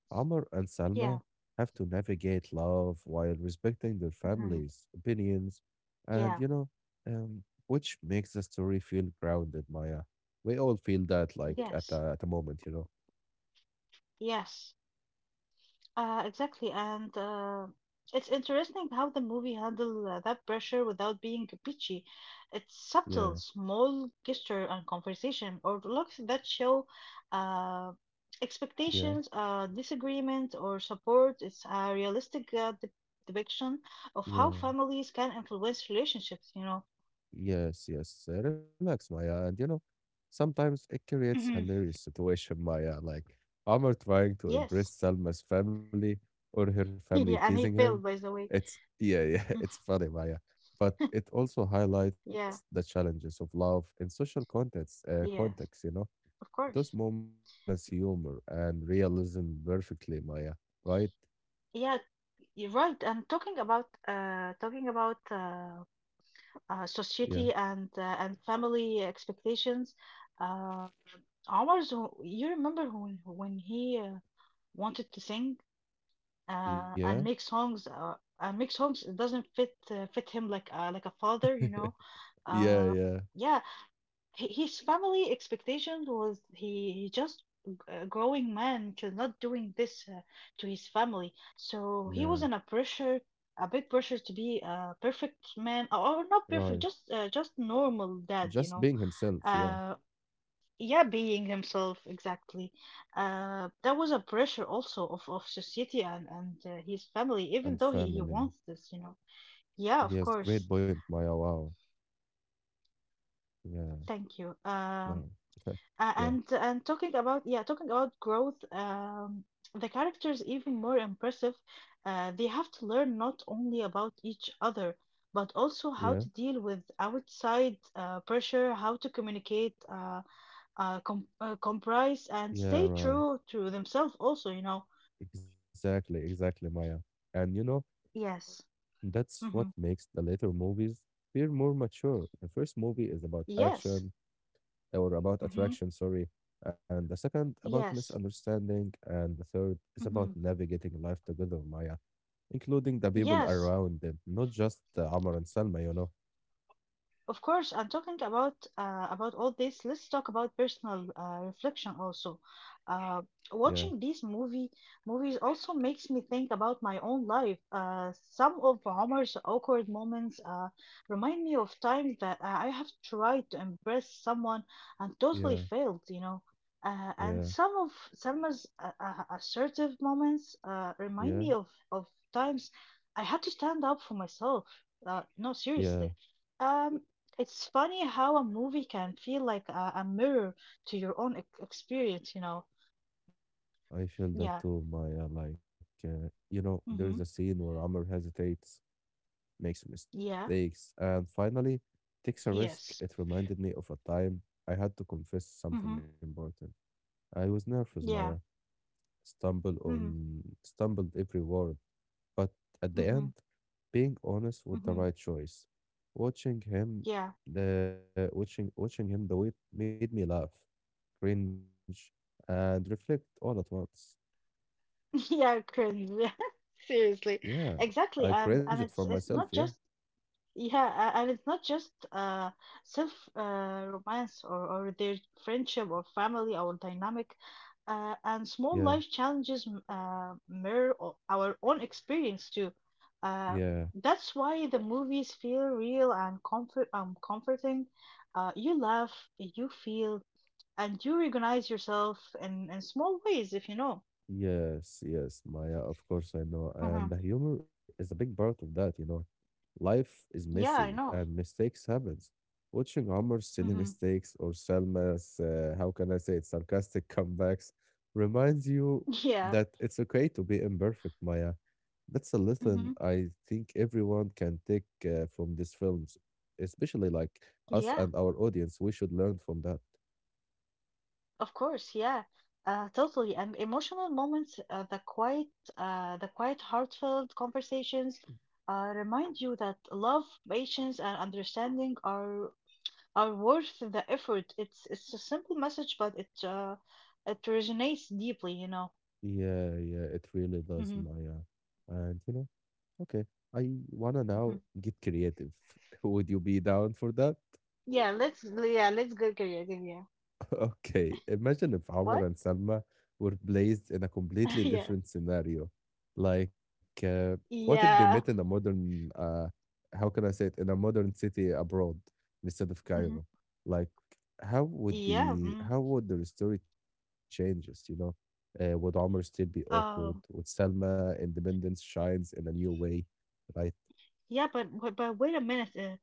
Speaker 1: Amr and
Speaker 2: Yeah.
Speaker 1: Salma have to navigate love while respecting their
Speaker 2: Mm-hmm.
Speaker 1: families' opinions, and
Speaker 2: Yeah.
Speaker 1: you know, um, which makes the story feel grounded, Maya. We all feel that, like, at
Speaker 2: Yes,
Speaker 1: a, at a moment, you know.
Speaker 2: yes. Uh, exactly, and uh, it's interesting how the movie handled uh, that pressure without being preachy. It's
Speaker 1: Yeah,
Speaker 2: subtle, small gesture and conversation, or looks that show uh,
Speaker 1: yeah,
Speaker 2: expectations, uh, disagreement, or support. It's a realistic uh, de- depiction of
Speaker 1: yeah.
Speaker 2: how families can influence relationships, you know.
Speaker 1: Yes, yes. Uh, relax, Maya. And you know, sometimes it creates
Speaker 2: Mhm.
Speaker 1: hilarious situation, Maya. Like Amr trying to impress
Speaker 2: Yes.
Speaker 1: Salma's family or her family
Speaker 2: Yeah, and
Speaker 1: teasing
Speaker 2: he
Speaker 1: him.
Speaker 2: failed, by the way.
Speaker 1: It's Yeah, yeah, it's funny, Maya. But it also highlights
Speaker 2: Yeah,
Speaker 1: the challenges of love in social context, uh,
Speaker 2: yes,
Speaker 1: context, you know.
Speaker 2: of course.
Speaker 1: Those moments balance humor and realism perfectly, Maya. Right?
Speaker 2: Yeah, you're right. And talking about uh, talking about uh, uh,
Speaker 1: Yeah.
Speaker 2: society and uh, and family expectations, uh, Omar's, you remember when when he uh, wanted to sing
Speaker 1: Yeah.
Speaker 2: uh, and make songs uh, and make songs it doesn't fit uh, fit him like uh, like a father, you know.
Speaker 1: Yeah,
Speaker 2: Uh,
Speaker 1: yeah.
Speaker 2: yeah, Hi- His family expectation was he, he just g- a growing man to not doing this uh, to his family. So he was
Speaker 1: Yeah.
Speaker 2: in a pressure, a big pressure to be a perfect man, or not
Speaker 1: Right.
Speaker 2: perfect, just uh, just normal dad, you
Speaker 1: Just
Speaker 2: know.
Speaker 1: being himself, yeah.
Speaker 2: Uh, yeah, being himself exactly. Uh, that was a pressure also of of society and and uh, his family,
Speaker 1: And
Speaker 2: even though he he
Speaker 1: family.
Speaker 2: wants this, you know.
Speaker 1: Yes,
Speaker 2: Yeah, of
Speaker 1: great point,
Speaker 2: course.
Speaker 1: Maya. Wow. Yeah,
Speaker 2: Thank you.
Speaker 1: no.
Speaker 2: Um.
Speaker 1: Yeah,
Speaker 2: A- and and talking about yeah talking about growth um the characters even more impressive, uh, they have to learn not only about each other but also
Speaker 1: yeah,
Speaker 2: how to deal with outside uh, pressure, how to communicate uh, uh, com- uh comprise and
Speaker 1: yeah,
Speaker 2: stay
Speaker 1: right.
Speaker 2: true to themselves also, you know.
Speaker 1: Exactly, exactly, Maya. And you know,
Speaker 2: Yes.
Speaker 1: that's what
Speaker 2: Hmm.
Speaker 1: makes the later movies feel more mature. The first movie is about
Speaker 2: Yes.
Speaker 1: action or about attraction,
Speaker 2: Hmm.
Speaker 1: sorry. And the second about
Speaker 2: Yes.
Speaker 1: misunderstanding. And the third is about
Speaker 2: Hmm.
Speaker 1: navigating life together, Maya, including the people
Speaker 2: Yes.
Speaker 1: around them, not just uh, Amar and Salma, you know.
Speaker 2: Of course, and talking about uh, about all this, let's talk about personal uh, reflection also. Uh,
Speaker 1: Yeah,
Speaker 2: watching these movie movies also makes me think about my own life. Uh, some of Omar's awkward moments uh, remind me of times that I have tried to impress someone and totally
Speaker 1: yeah,
Speaker 2: failed, you know. Uh, and
Speaker 1: yeah.
Speaker 2: some of Selma's uh, uh, assertive moments uh, remind
Speaker 1: Yeah,
Speaker 2: me of, of times I had to stand up for myself. Uh, no,
Speaker 1: yeah,
Speaker 2: seriously. Um, it's funny how a movie can feel like a, a mirror to your own ex- experience, you know.
Speaker 1: yeah, I feel that
Speaker 2: Yeah.
Speaker 1: too, Maya. Like, uh, you know, there is a
Speaker 2: Mm-hmm.
Speaker 1: scene where Amr hesitates, makes mistakes,
Speaker 2: Yeah.
Speaker 1: and finally takes a risk. It
Speaker 2: Yes.
Speaker 1: reminded me of a time I had to confess something
Speaker 2: Mm-hmm.
Speaker 1: important. I was nervous, Maya,
Speaker 2: Yeah.
Speaker 1: stumbled
Speaker 2: Mm-hmm.
Speaker 1: on, stumbled every word, but at the
Speaker 2: Mm-hmm.
Speaker 1: end, being honest with the
Speaker 2: Mm-hmm.
Speaker 1: right choice. Watching him,
Speaker 2: Yeah.
Speaker 1: the watching watching him do it made me laugh, cringe, and reflect all at once.
Speaker 2: Yeah, cringe. Seriously.
Speaker 1: Yeah, I
Speaker 2: Exactly.
Speaker 1: cringe it
Speaker 2: And
Speaker 1: for
Speaker 2: and it's
Speaker 1: myself.
Speaker 2: it's
Speaker 1: Yeah,
Speaker 2: not just, yeah, a- and it's not just uh, self uh, romance or, or their friendship or family or dynamic. Uh, and
Speaker 1: yeah,
Speaker 2: small life challenges m- uh, mirror o- our own experience too. Uh,
Speaker 1: yeah,
Speaker 2: that's why the movies feel real and comfort um, comforting. Uh, you laugh, you feel, and you recognize yourself in, in small ways, if you know.
Speaker 1: yes, yes, Maya. Of course, I know. And the
Speaker 2: Mm-hmm.
Speaker 1: humor is a big part of that, you know. Life is
Speaker 2: Yeah, I
Speaker 1: messy
Speaker 2: know.
Speaker 1: and mistakes happens. Watching Amr's silly
Speaker 2: Mm-hmm.
Speaker 1: mistakes or Selma's, uh, how can I say it, sarcastic comebacks reminds you
Speaker 2: Yeah.
Speaker 1: that it's okay to be imperfect, Maya. That's a
Speaker 2: Mm-hmm.
Speaker 1: lesson I think everyone can take uh, from these films, especially like us and
Speaker 2: Yeah.
Speaker 1: our audience. We should learn from that.
Speaker 2: Of course, yeah, uh, totally. And emotional moments, uh, the quiet, uh, the quiet, heartfelt conversations, uh, remind you that love, patience, and understanding are are worth the effort. It's it's a simple message, but it uh, it resonates deeply, you know.
Speaker 1: Yeah, yeah, it really does,
Speaker 2: Hmm.
Speaker 1: Maya. And you know, okay, I wanna
Speaker 2: Hmm.
Speaker 1: now get creative. Would you be down for that?
Speaker 2: Yeah, let's yeah let's go Korea. Again, yeah.
Speaker 1: Okay, imagine if Omar
Speaker 2: What?
Speaker 1: and Salma were placed in a completely
Speaker 2: Yeah.
Speaker 1: different scenario. Like, uh, what if they met in
Speaker 2: Yeah.
Speaker 1: a modern, uh, how can I say it, in a modern city abroad instead of
Speaker 2: Hmm.
Speaker 1: Cairo? Like, how would
Speaker 2: Yeah.
Speaker 1: the
Speaker 2: Mm.
Speaker 1: how would their story changes? You know, uh, would Omar still be awkward? Would
Speaker 2: Um.
Speaker 1: Salma independence shines in a new way, right?
Speaker 2: Yeah, but but but wait a minute. Uh,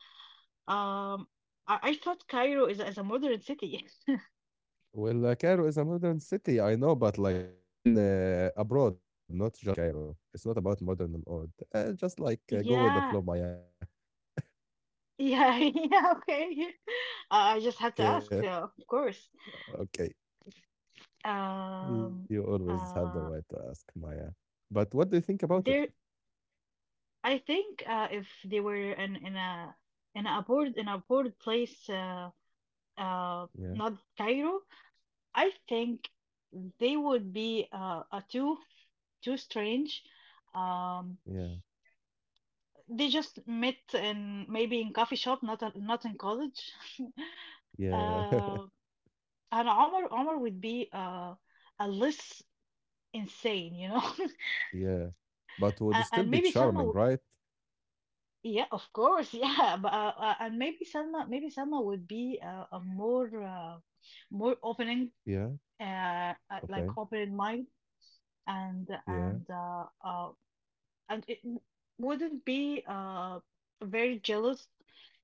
Speaker 2: um, I I thought Cairo is is a modern city.
Speaker 1: Well, uh, Cairo is a modern city, I know, but like I mean uh, abroad, not just in Cairo. It's not about modern and old. Uh, just like uh, go with the
Speaker 2: Yeah,
Speaker 1: flow, Maya.
Speaker 2: yeah, yeah, okay. Uh, I just had to
Speaker 1: Yeah,
Speaker 2: ask, uh, of course.
Speaker 1: okay. You
Speaker 2: Um,
Speaker 1: always have the right to
Speaker 2: uh,
Speaker 1: ask, Maya. But what do you think about it?
Speaker 2: there, I think uh, if they were in in a in a board in a board place, uh, uh,
Speaker 1: Yeah,
Speaker 2: not Cairo, I think they would be uh, uh too too strange.
Speaker 1: yeah,
Speaker 2: Um, they just met in maybe in coffee shop, not a, not in college.
Speaker 1: yeah,
Speaker 2: Uh. and Omar Omar would be uh a less insane, you know,
Speaker 1: yeah. But would
Speaker 2: and,
Speaker 1: still be
Speaker 2: and maybe Salma,
Speaker 1: charming,
Speaker 2: w-
Speaker 1: right?
Speaker 2: yeah, of course, yeah, but uh, uh, and maybe Salma, maybe Salma would be uh, a more uh, more opening,
Speaker 1: Yeah,
Speaker 2: uh, uh,
Speaker 1: okay.
Speaker 2: like open mind, and
Speaker 1: Yeah,
Speaker 2: and uh, uh and it w- wouldn't be uh very jealous,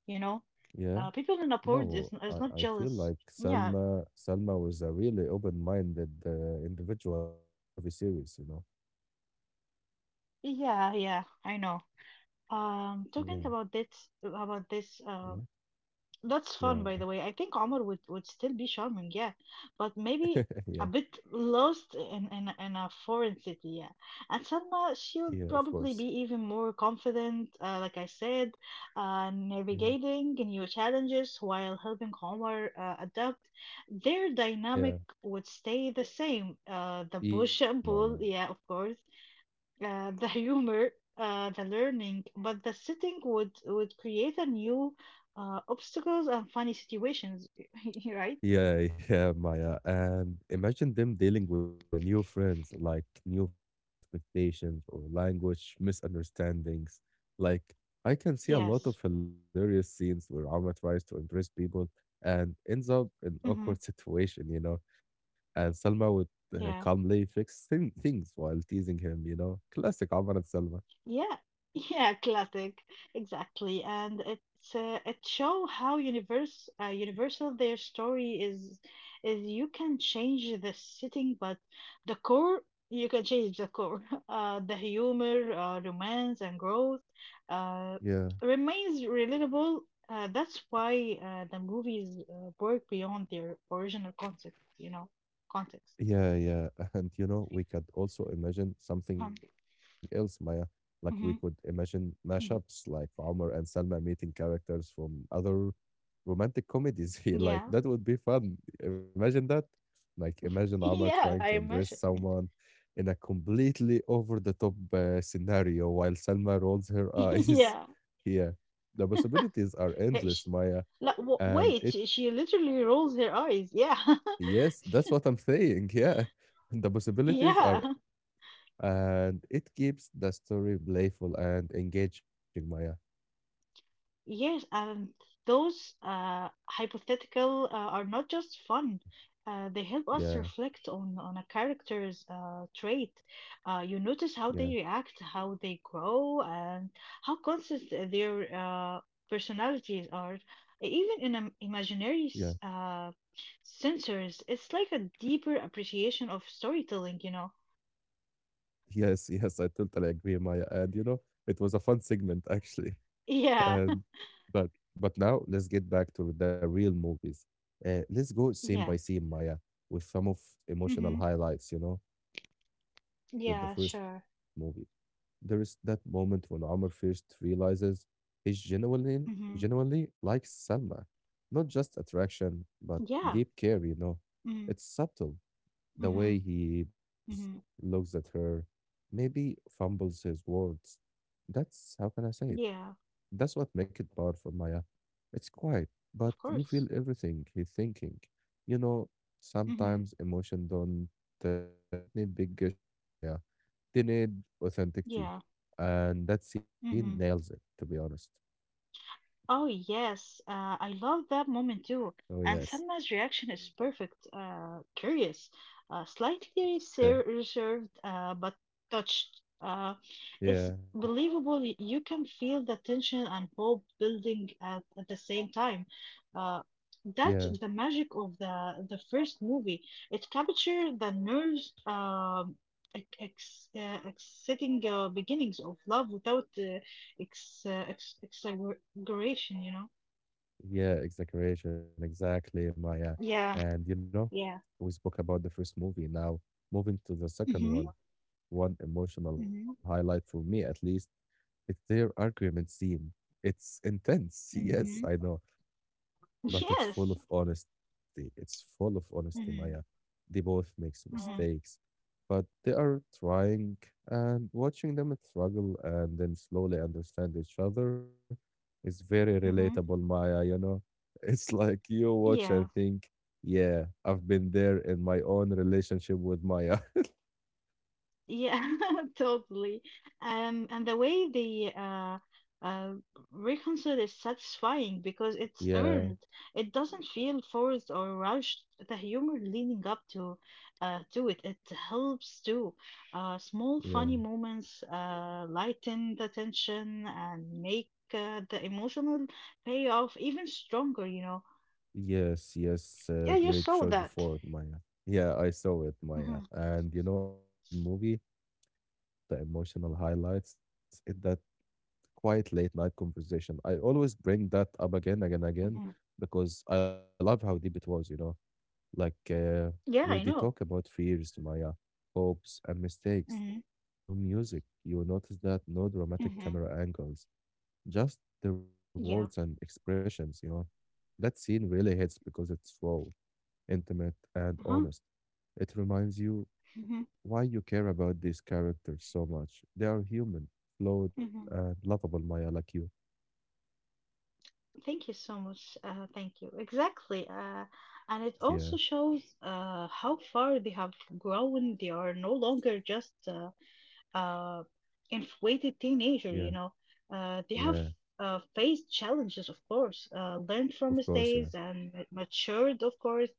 Speaker 2: you know.
Speaker 1: yeah.
Speaker 2: Uh, people in the port
Speaker 1: No,
Speaker 2: is
Speaker 1: I,
Speaker 2: is not
Speaker 1: I feel
Speaker 2: jealous.
Speaker 1: like
Speaker 2: Yeah,
Speaker 1: Salma Salma was a really open-minded uh, individual in this movie series, you know.
Speaker 2: yeah, yeah, I know.
Speaker 1: Yeah,
Speaker 2: Um, talking about this, about this.
Speaker 1: yeah,
Speaker 2: um. That's
Speaker 1: yeah,
Speaker 2: fun, by the way. I think Omar would, would still be charming, yeah, but maybe
Speaker 1: yeah,
Speaker 2: a bit lost in, in, in a foreign city, yeah. And
Speaker 1: yeah,
Speaker 2: Salma,
Speaker 1: of
Speaker 2: she would
Speaker 1: course.
Speaker 2: probably be even more confident, uh, like I said, uh,
Speaker 1: Yeah,
Speaker 2: navigating new challenges while helping Omar uh, adapt. Their
Speaker 1: yeah,
Speaker 2: dynamic would stay the same. Uh, the
Speaker 1: yes,
Speaker 2: push
Speaker 1: true,
Speaker 2: and
Speaker 1: Maya.
Speaker 2: pull, yeah, of course, uh, the humor, uh, the learning, but the setting would would create a new uh, obstacles and funny situations, right?
Speaker 1: Yeah, yeah, Maya. And imagine them dealing with uh, new friends, like new family expectations or language misunderstandings. Like, I can see a
Speaker 2: Yes.
Speaker 1: lot of hilarious scenes where Alma tries to impress people and ends up in
Speaker 2: hmm
Speaker 1: awkward situation, you know. And Salma would uh,
Speaker 2: Yeah.
Speaker 1: calmly fix thing- things while teasing him, you know. Classic Alma and Salma.
Speaker 2: Yeah, yeah, classic, exactly, and it's uh, it show how universe uh, universal their story is. Is you can change the setting, but the core you can change the core. Uh, the humor, uh, romance, and growth uh,
Speaker 1: Yeah.
Speaker 2: remains relatable. Uh, that's why uh, the movies uh, work beyond their original concept. You know, context.
Speaker 1: Yeah, yeah. And you know, we could also imagine something
Speaker 2: Um,
Speaker 1: else, Maya. Like we could
Speaker 2: mhm,
Speaker 1: imagine mashups like
Speaker 2: mhm.
Speaker 1: Omar and Salma meeting characters from other romantic comedies here. Like
Speaker 2: Yeah,
Speaker 1: that would be fun. Imagine that. Like imagine Omar
Speaker 2: yeah,
Speaker 1: trying
Speaker 2: I
Speaker 1: to embrace
Speaker 2: imagine.
Speaker 1: someone in a completely over the top uh, scenario while Salma rolls her eyes.
Speaker 2: Yeah.
Speaker 1: Yeah. The possibilities are
Speaker 2: Hey, sh
Speaker 1: endless, Maya.
Speaker 2: la- w-
Speaker 1: And
Speaker 2: wait,
Speaker 1: it
Speaker 2: she she literally rolls her eyes. Yeah.
Speaker 1: Yes, that's what I'm saying. Yeah. The possibilities are
Speaker 2: Yeah.
Speaker 1: endless. And it keeps the story playful and engaging, Maya.
Speaker 2: Yes, and those uh hypothetical uh, are not just fun. Uh, they help
Speaker 1: Yeah,
Speaker 2: us reflect on on a character's uh trait. Uh, you
Speaker 1: yeah,
Speaker 2: notice how they react, how they grow, and how constant their uh personalities are. Even in um,
Speaker 1: yeah.
Speaker 2: imaginary s- uh sensors, it's like a deeper appreciation of storytelling, you know.
Speaker 1: Yes, yes, I totally agree, Maya. And you know, it was a fun segment actually. And
Speaker 2: Yeah.
Speaker 1: but but now let's get back to the real movies. Uh, let's go scene by
Speaker 2: Yeah.
Speaker 1: scene, Maya, with some of emotional
Speaker 2: Mhm.
Speaker 1: highlights, you know, starting with the
Speaker 2: Yeah,
Speaker 1: first
Speaker 2: sure.
Speaker 1: movie. There is that moment when Amr first realizes he genuinely,
Speaker 2: Mhm.
Speaker 1: genuinely likes Selma. Not just attraction,
Speaker 2: Yeah.
Speaker 1: but deep care, you know.
Speaker 2: Mhm.
Speaker 1: It's subtle,
Speaker 2: Mhm.
Speaker 1: the way he
Speaker 2: Mhm.
Speaker 1: bosses, looks at her, maybe fumbles his words. That's how can I say it?
Speaker 2: Yeah,
Speaker 1: That's what make it powerful, Maya. It's quiet, but
Speaker 2: of
Speaker 1: you feel
Speaker 2: course.
Speaker 1: everything he's thinking. You know,
Speaker 2: Mhm.
Speaker 1: sometimes emotion don't uh, don't need big gestures, Maya. They need authenticity,
Speaker 2: Yeah.
Speaker 1: and that scene nails it.
Speaker 2: Mhm.
Speaker 1: To be honest.
Speaker 2: Oh yes, uh, I love that moment
Speaker 1: Oh
Speaker 2: too.
Speaker 1: yes,
Speaker 2: And Selma's reaction is perfect. Uh, curious, uh, slightly
Speaker 1: yeah,
Speaker 2: ser- reserved, uh, but touched. Uh,
Speaker 1: yeah,
Speaker 2: it's believable. Y- You can feel the tension and hope building at, at the same time. Uh,
Speaker 1: yeah.
Speaker 2: that's the magic of the the first movie. It captured the nerves, um, ex- ex- uh, exciting uh, beginnings of love without uh, ex- uh, ex- duration, you know?
Speaker 1: Yeah, exaggeration, exactly, Maya.
Speaker 2: Yeah,
Speaker 1: And you know, we
Speaker 2: yeah.
Speaker 1: spoke about the first movie. Now, moving to the second one,
Speaker 2: Mm-hmm.
Speaker 1: one emotional
Speaker 2: Mm-hmm.
Speaker 1: highlight for me at least, it's their argument scene. It's intense.
Speaker 2: Mm-hmm.
Speaker 1: Yes, I know but it's
Speaker 2: Yes.
Speaker 1: full of honesty. It's full of honesty, Maya.
Speaker 2: Mm-hmm.
Speaker 1: They both makes
Speaker 2: Mm-hmm.
Speaker 1: mistakes, but they are trying and watching them struggle and then slowly understand each other is very
Speaker 2: Mm-hmm.
Speaker 1: relatable, Maya, you know. It's like you watch
Speaker 2: Yeah.
Speaker 1: and think, yeah, I've been there in my own relationship with Maya.
Speaker 2: Yeah, totally. Um, and the way they uh, uh, reconcile is satisfying because it's
Speaker 1: Yeah,
Speaker 2: earned. It doesn't feel forced or rushed. The humor leading up to uh, to it, it helps too. Uh, small
Speaker 1: yeah.
Speaker 2: funny moments uh, lighten the tension and make uh, the emotional payoff even stronger, you know.
Speaker 1: Yes, yes, uh,
Speaker 2: Yeah, you Yeah.
Speaker 1: great choice
Speaker 2: saw that.
Speaker 1: before Maya. Yeah, I saw it,
Speaker 2: Yeah.
Speaker 1: Maya.
Speaker 2: hmm
Speaker 1: And you know, in the third movie, one of the emotional highlights is that quiet late night conversation. I always bring that up again, again,
Speaker 2: Mhm.
Speaker 1: again,
Speaker 2: hmm
Speaker 1: because I love how deep it was, you know, like uh, where
Speaker 2: Yeah,
Speaker 1: they
Speaker 2: I
Speaker 1: talk
Speaker 2: know.
Speaker 1: about fears, Maya, hopes, and mistakes.
Speaker 2: Hmm
Speaker 1: There is no music. You notice that no dramatic
Speaker 2: hmm
Speaker 1: camera angles, just their words and
Speaker 2: Yeah.
Speaker 1: expressions, you know. That scene really hits because it's raw, intimate, and
Speaker 2: Uh-huh.
Speaker 1: honest. It reminds you
Speaker 2: hmm
Speaker 1: why you care about these characters so much. They are human, flawed, and
Speaker 2: hmm
Speaker 1: lovable, Maya, like you.
Speaker 2: Thank you so much. Uh, thank you. Exactly. Uh,
Speaker 1: Yeah,
Speaker 2: and it also shows uh, how far they have grown. They are no longer just uh, uh, infatuated
Speaker 1: yeah,
Speaker 2: teenager, you know. Uh,
Speaker 1: yeah,
Speaker 2: they have uh, faced challenges, of course, uh, learned
Speaker 1: of
Speaker 2: from
Speaker 1: course, yeah.
Speaker 2: mistakes and ma- matured, of course.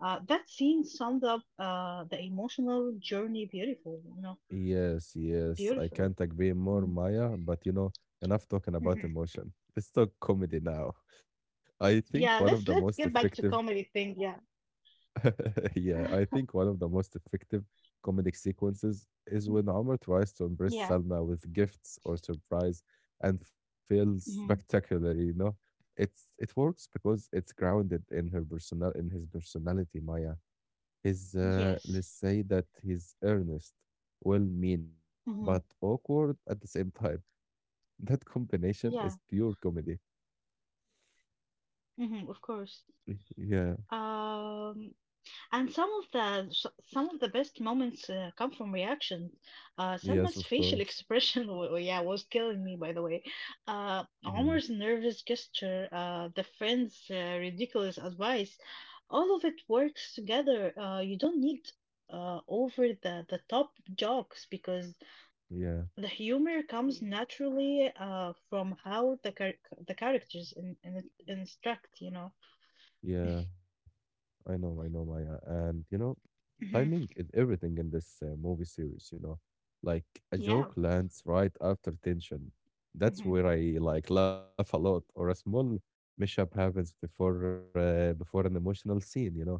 Speaker 2: Uh, that scene summed up uh, the emotional journey beautiful, you know,
Speaker 1: Yes, yes, I
Speaker 2: beautifully.
Speaker 1: can't agree more,
Speaker 2: Mhm.
Speaker 1: Maya, but you know, enough talking about
Speaker 2: Mhm.
Speaker 1: emotion. Let's talk comedy now. I think one of
Speaker 2: Yeah,
Speaker 1: the
Speaker 2: let's
Speaker 1: most
Speaker 2: let's get
Speaker 1: effective
Speaker 2: back to comedy thing. Yeah.
Speaker 1: yeah, I think one of the most effective comedic sequences is when Amr tries to impress
Speaker 2: Yeah.
Speaker 1: Salma with gifts or surprise and fails
Speaker 2: Mm-hmm.
Speaker 1: spectacularly, you know. It's it works because it's grounded in her personal in his personality, Maya. His uh,
Speaker 2: Yes.
Speaker 1: let's say that he's earnest, well-meaning, but
Speaker 2: hmm
Speaker 1: awkward at the same time. That combination is
Speaker 2: Yeah.
Speaker 1: pure comedy.
Speaker 2: hmm Of course.
Speaker 1: Y- Yeah,
Speaker 2: Um, and some of the s- some of the best moments uh, come from reactions. Uh, Selma's
Speaker 1: yes, of
Speaker 2: facial
Speaker 1: course.
Speaker 2: expression, wa- wa- yeah, was killing me. By the way, uh,
Speaker 1: Yeah,
Speaker 2: Omar's nervous gesture, uh, the friend's uh, ridiculous advice, all of it works together. Uh, you don't need uh over the the top jokes because
Speaker 1: yeah,
Speaker 2: the humor comes naturally uh, from how the char- the characters in, in instruct, you know.
Speaker 1: yeah. I know, I know, Maya. And, you know,
Speaker 2: Hmm
Speaker 1: timing is everything in this uh, movie series, you know. Like a
Speaker 2: Yeah.
Speaker 1: joke lands right after tension. That's
Speaker 2: hmm
Speaker 1: where I like laugh a lot, or a small mishap happens before uh, before an emotional scene, you know.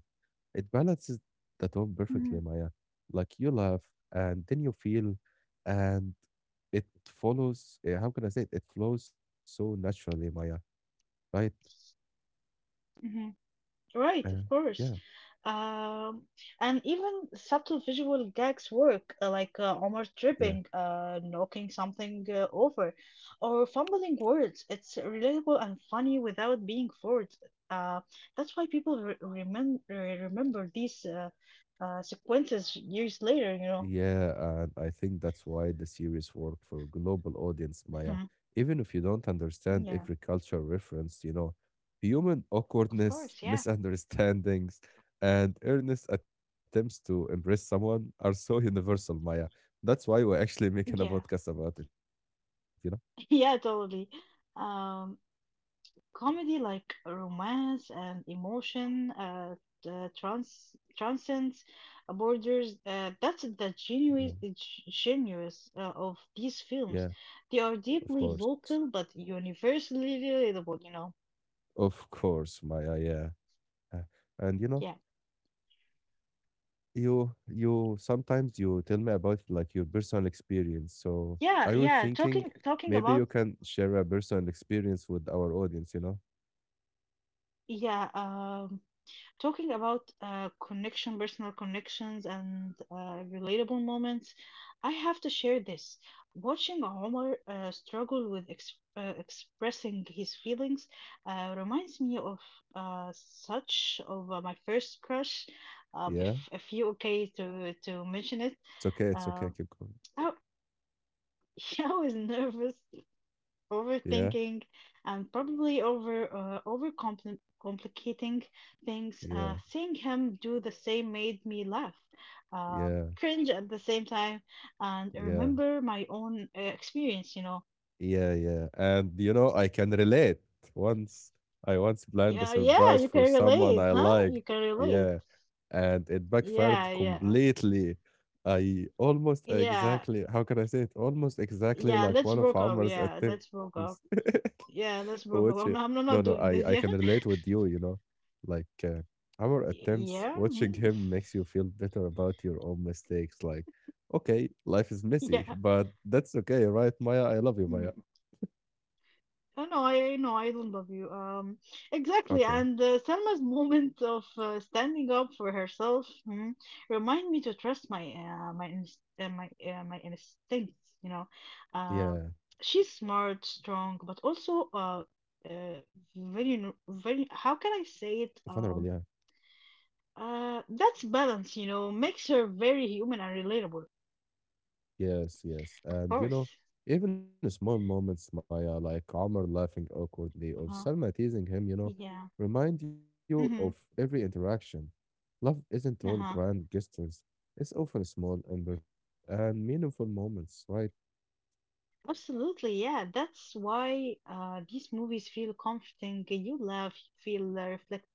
Speaker 1: It balances the tone
Speaker 2: hmm
Speaker 1: perfectly, Maya. Like you laugh and then you feel and it follows, uh, how can I say it? It flows so naturally, Maya, right?
Speaker 2: hmm
Speaker 1: Uh,
Speaker 2: Right, of
Speaker 1: yeah,
Speaker 2: course. Um, and even subtle visual gags work, uh, like uh, Omar
Speaker 1: yeah.
Speaker 2: tripping, uh, knocking something uh, over, or fumbling words. It's relatable and funny without being forced. Uh, that's why people re- remember remember these uh, uh, sequences years later, you
Speaker 1: Yeah, and I think that's why the series worked for global audience, Maya.
Speaker 2: know.
Speaker 1: Even if you don't understand
Speaker 2: Yeah,
Speaker 1: every cultural reference, you know, human
Speaker 2: of
Speaker 1: awkwardness,
Speaker 2: course. Yeah,
Speaker 1: misunderstandings, and earnest attempts to embrace someone are so universal, Maya. That's why we're actually making a
Speaker 2: yeah,
Speaker 1: podcast about it, you know?
Speaker 2: yeah, totally. Um, comedy like romance and emotion uh, uh trans transcends borders. Uh, that's the
Speaker 1: Yeah,
Speaker 2: genius genius uh, of these
Speaker 1: yeah,
Speaker 2: films. They are
Speaker 1: of
Speaker 2: deeply
Speaker 1: course.
Speaker 2: local but universally relatable. You know.
Speaker 1: Of course, Maya, yeah. Uh, And you know,
Speaker 2: Yeah,
Speaker 1: You you sometimes you tell me about like your personal experience. So I
Speaker 2: yeah,
Speaker 1: was
Speaker 2: yeah.
Speaker 1: thinking
Speaker 2: Talking talking
Speaker 1: maybe you
Speaker 2: about
Speaker 1: can share a personal experience with our audience, you know?
Speaker 2: yeah. Um. Talking about uh, connection, personal connections, and uh, relatable moments, I have to share this. Watching Omar uh, struggle with ex uh, expressing his feelings uh, reminds me of uh, such of uh, my first crush. Um, if
Speaker 1: Yeah.
Speaker 2: if you okay to to mention it,
Speaker 1: It's okay, it's okay,
Speaker 2: um,
Speaker 1: keep going.
Speaker 2: I, I was nervous
Speaker 1: Yeah,
Speaker 2: overthinking and probably over uh, over complicating things
Speaker 1: yeah,
Speaker 2: uh, seeing him do the same made me laugh uh,
Speaker 1: yeah,
Speaker 2: cringe at the same time and
Speaker 1: yeah.
Speaker 2: remember my own uh, experience you know
Speaker 1: Yeah, yeah. And you know, I can relate. Once I once planned a
Speaker 2: yeah yeah
Speaker 1: surprise
Speaker 2: you
Speaker 1: for
Speaker 2: can
Speaker 1: someone
Speaker 2: relate
Speaker 1: I
Speaker 2: huh
Speaker 1: liked.
Speaker 2: you can relate
Speaker 1: Yeah. And it
Speaker 2: yeah
Speaker 1: backfired
Speaker 2: yeah
Speaker 1: completely. I almost
Speaker 2: yeah
Speaker 1: exactly, how can I say it? Almost exactly
Speaker 2: yeah
Speaker 1: like
Speaker 2: let's
Speaker 1: one of
Speaker 2: broke up
Speaker 1: Amr's
Speaker 2: yeah let's
Speaker 1: attempts.
Speaker 2: broke up yeah let's
Speaker 1: Which, uh,
Speaker 2: broke up i'm,
Speaker 1: no,
Speaker 2: I'm
Speaker 1: no,
Speaker 2: not
Speaker 1: I,
Speaker 2: doing
Speaker 1: I
Speaker 2: this
Speaker 1: can
Speaker 2: yeah
Speaker 1: relate with you, you know. Like, uh, Amr attempts,
Speaker 2: yeah
Speaker 1: watching
Speaker 2: mhm,
Speaker 1: him makes you feel better about your own mistakes. Like, okay, life is messy,
Speaker 2: yeah
Speaker 1: but that's okay, right, Maya? I love you,
Speaker 2: Hmm.
Speaker 1: Maya.
Speaker 2: Oh, no, I no, I don't love you. Um, exactly.
Speaker 1: Okay.
Speaker 2: And uh, Selma's moment of uh, standing up for herself mm, remind me to trust my uh, my inst uh, my uh, my instincts. You know,
Speaker 1: Yeah,
Speaker 2: uh, she's smart, strong, but also uh, uh, very n- very. How can I
Speaker 1: vulnerable.
Speaker 2: say it?
Speaker 1: Yeah,
Speaker 2: Um, uh, that's balance. You know, makes her very human and relatable. Of
Speaker 1: yes, yes. And you know,
Speaker 2: course.
Speaker 1: even small moments, Maya, like Omar laughing awkwardly or
Speaker 2: Uh huh.
Speaker 1: Salma teasing him, you know,
Speaker 2: Yeah.
Speaker 1: remind you of
Speaker 2: Mm-hmm.
Speaker 1: every interaction. Love isn't all
Speaker 2: Uh huh.
Speaker 1: grand gestures, it's often small, imperfect, and meaningful moments, right?
Speaker 2: Absolutely, yeah. That's why uh, these movies feel comforting. You laugh, you feel uh, reflect,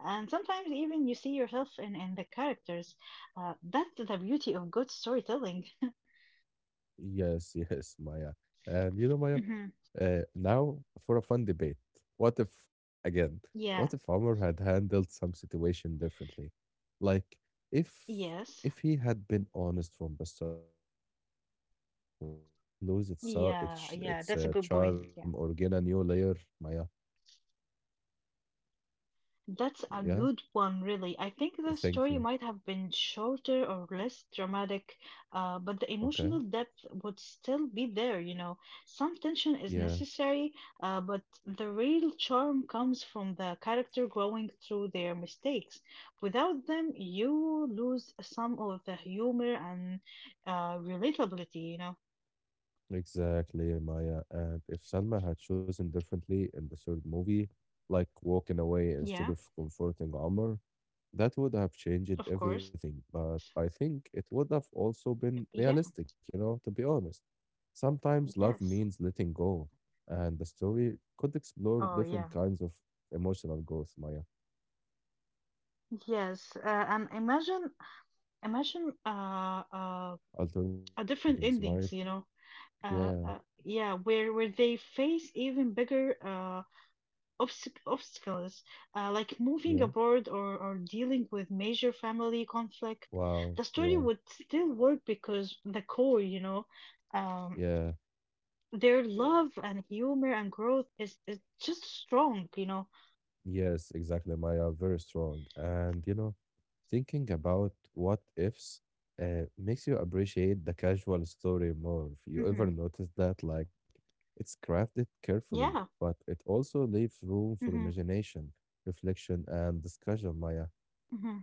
Speaker 2: and sometimes even you see yourself in, in the characters. Uh, that's the beauty of good storytelling.
Speaker 1: Yes, yes, Maya. And you know, Maya,
Speaker 2: Hmm
Speaker 1: Uh, now for a fun debate. What if, again,
Speaker 2: Yeah.
Speaker 1: what if Omar had handled some situation differently? Like, if
Speaker 2: Yes.
Speaker 1: if he had been honest from the start in the first movie, would the story lose its uh, its
Speaker 2: Yeah.
Speaker 1: its
Speaker 2: Yeah.
Speaker 1: uh,
Speaker 2: That's a good
Speaker 1: charm
Speaker 2: point.
Speaker 1: or
Speaker 2: Yeah.
Speaker 1: gain a new layer? Maya,
Speaker 2: That's a
Speaker 1: yeah,
Speaker 2: good one, really. I think the
Speaker 1: thank
Speaker 2: story
Speaker 1: you.
Speaker 2: might have been shorter or less dramatic, uh, but the
Speaker 1: Okay,
Speaker 2: emotional depth would still be there, you know. Some tension
Speaker 1: yeah.
Speaker 2: is necessary, uh, but the real charm comes from the character growing through their mistakes. Without them, you lose some of the humor and uh, relatability, you know.
Speaker 1: Exactly, Maya. And if Salma had chosen differently in the third movie, like walking away instead
Speaker 2: Yeah,
Speaker 1: of comforting Omar, that would have changed
Speaker 2: of
Speaker 1: everything.
Speaker 2: course.
Speaker 1: But I think it would have
Speaker 2: Yeah,
Speaker 1: also been realistic, you know, to be honest.
Speaker 2: yes.
Speaker 1: Sometimes love means letting go, and the story could
Speaker 2: Oh,
Speaker 1: explore
Speaker 2: yeah.
Speaker 1: different kinds of emotional growth, Maya.
Speaker 2: Yes, uh, and imagine Imagine uh, uh, a
Speaker 1: Alternative
Speaker 2: different
Speaker 1: endings, right?
Speaker 2: endings, you know. Uh,
Speaker 1: Yeah,
Speaker 2: uh, yeah, where where they face even bigger uh, obst obstacles, uh, like
Speaker 1: yeah.
Speaker 2: moving abroad or or dealing with major family conflict.
Speaker 1: Wow,
Speaker 2: The story
Speaker 1: yeah,
Speaker 2: would still work because the core, you know, um,
Speaker 1: yeah.
Speaker 2: their love and humor and growth is is just strong, you know.
Speaker 1: Yes, exactly, Maya. Very strong. And you know, thinking about what ifs uh, makes you appreciate the casual story more. If you ever
Speaker 2: Hmm
Speaker 1: notice that, like, it's crafted carefully,
Speaker 2: Yeah.
Speaker 1: but it also leaves room for
Speaker 2: hmm
Speaker 1: imagination, reflection, and discussion, Maya,
Speaker 2: hmm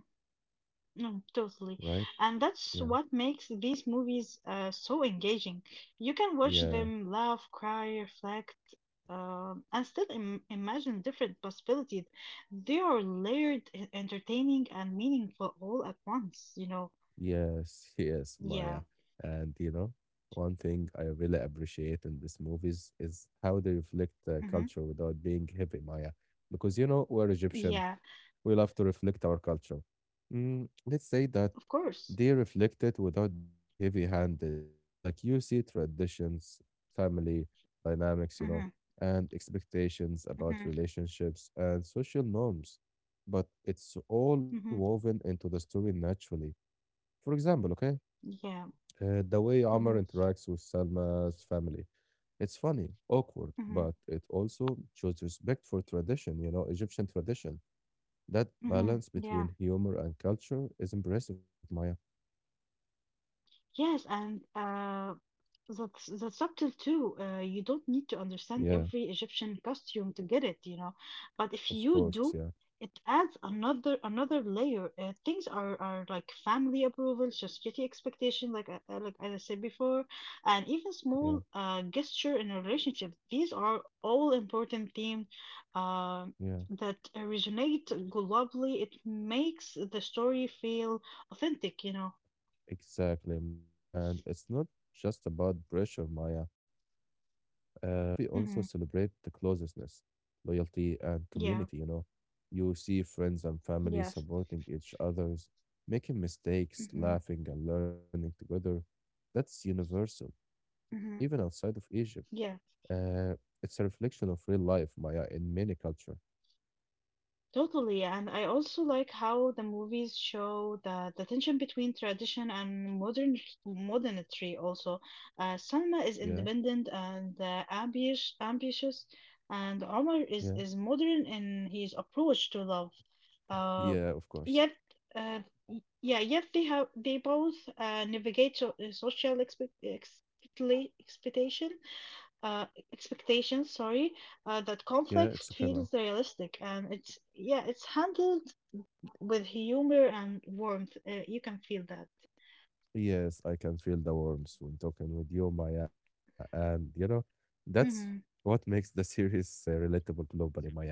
Speaker 2: No, totally.
Speaker 1: right?
Speaker 2: And that's
Speaker 1: Yeah,
Speaker 2: what makes these movies uh, so engaging. You can watch
Speaker 1: yeah.
Speaker 2: them laugh, cry, reflect, um, and still Im- imagine different possibilities. They are layered, e- entertaining, and meaningful all at once, you know.
Speaker 1: Yes, yes,
Speaker 2: Yeah.
Speaker 1: Maya. And you know, one thing I really appreciate in these movies is how they reflect uh,
Speaker 2: hmm
Speaker 1: culture without being heavy, Maya. Because you know, we're Egyptian,
Speaker 2: Yeah,
Speaker 1: we love to reflect our culture. Mm, let's say that
Speaker 2: of course.
Speaker 1: they reflect it without being heavy-handed. Like you see traditions,
Speaker 2: Same
Speaker 1: family dynamics, you know,
Speaker 2: for
Speaker 1: and expectations about
Speaker 2: Mm-hmm,
Speaker 1: relationships and social norms, but it's all
Speaker 2: mm-hmm, mm-hmm,
Speaker 1: woven into the story naturally for example, okay,
Speaker 2: yeah,
Speaker 1: uh, the way
Speaker 2: mm-hmm,
Speaker 1: Amr interacts with Salma's family. It's funny, awkward,
Speaker 2: mm-hmm,
Speaker 1: but it also shows respect for tradition, you know, Egyptian tradition. That
Speaker 2: mm-hmm,
Speaker 1: balance
Speaker 2: yeah,
Speaker 1: between humor and culture is impressive, Maya.
Speaker 2: yes, and uh, That's that's subtle too. Uh, you don't need to
Speaker 1: Yeah,
Speaker 2: understand every Egyptian costume to get it, you know.
Speaker 1: of
Speaker 2: But if
Speaker 1: course,
Speaker 2: you
Speaker 1: yeah,
Speaker 2: do, it adds another another layer. Uh, things are are like family approval, society expectation, like I, I- like I said before, and even
Speaker 1: yeah,
Speaker 2: small uh gesture in a relationship. These are all important themes um
Speaker 1: yeah,
Speaker 2: that resonate globally. It makes the story feel authentic, you know.
Speaker 1: exactly, Maya. And it's not just about pressure, Maya. Uh, the movie also
Speaker 2: Hmm
Speaker 1: celebrates the closeness, loyalty, and
Speaker 2: Yeah.
Speaker 1: community. You know, you see friends and family
Speaker 2: Yes.
Speaker 1: supporting each others, making mistakes,
Speaker 2: hmm
Speaker 1: laughing, and learning together. That's universal, even outside of
Speaker 2: hmm
Speaker 1: Egypt.
Speaker 2: Yeah,
Speaker 1: Uh, it's a reflection of real life, Maya, in many culture.
Speaker 2: totally. And I also like how the movies show the, the tension between tradition and modern modernity also. Uh,
Speaker 1: Yeah,
Speaker 2: Salma is independent and uh, ambitious, ambitious, and
Speaker 1: yeah,
Speaker 2: Omar is, is modern in his approach to love.
Speaker 1: yeah.
Speaker 2: Uh,
Speaker 1: Of course.
Speaker 2: yet, uh, y- yeah, yet they have they both uh, navigate so, uh, social expect, expectation uh expectations sorry uh, that
Speaker 1: Yeah, it's
Speaker 2: conflict
Speaker 1: okay, Maya.
Speaker 2: feels realistic and it's yeah it's handled with humor and warmth uh, you can feel that
Speaker 1: Yes, I can feel the warmth when talking with you, Maya. And you know, that's
Speaker 2: mm-hmm.
Speaker 1: what makes the series uh, relatable globally, Maya.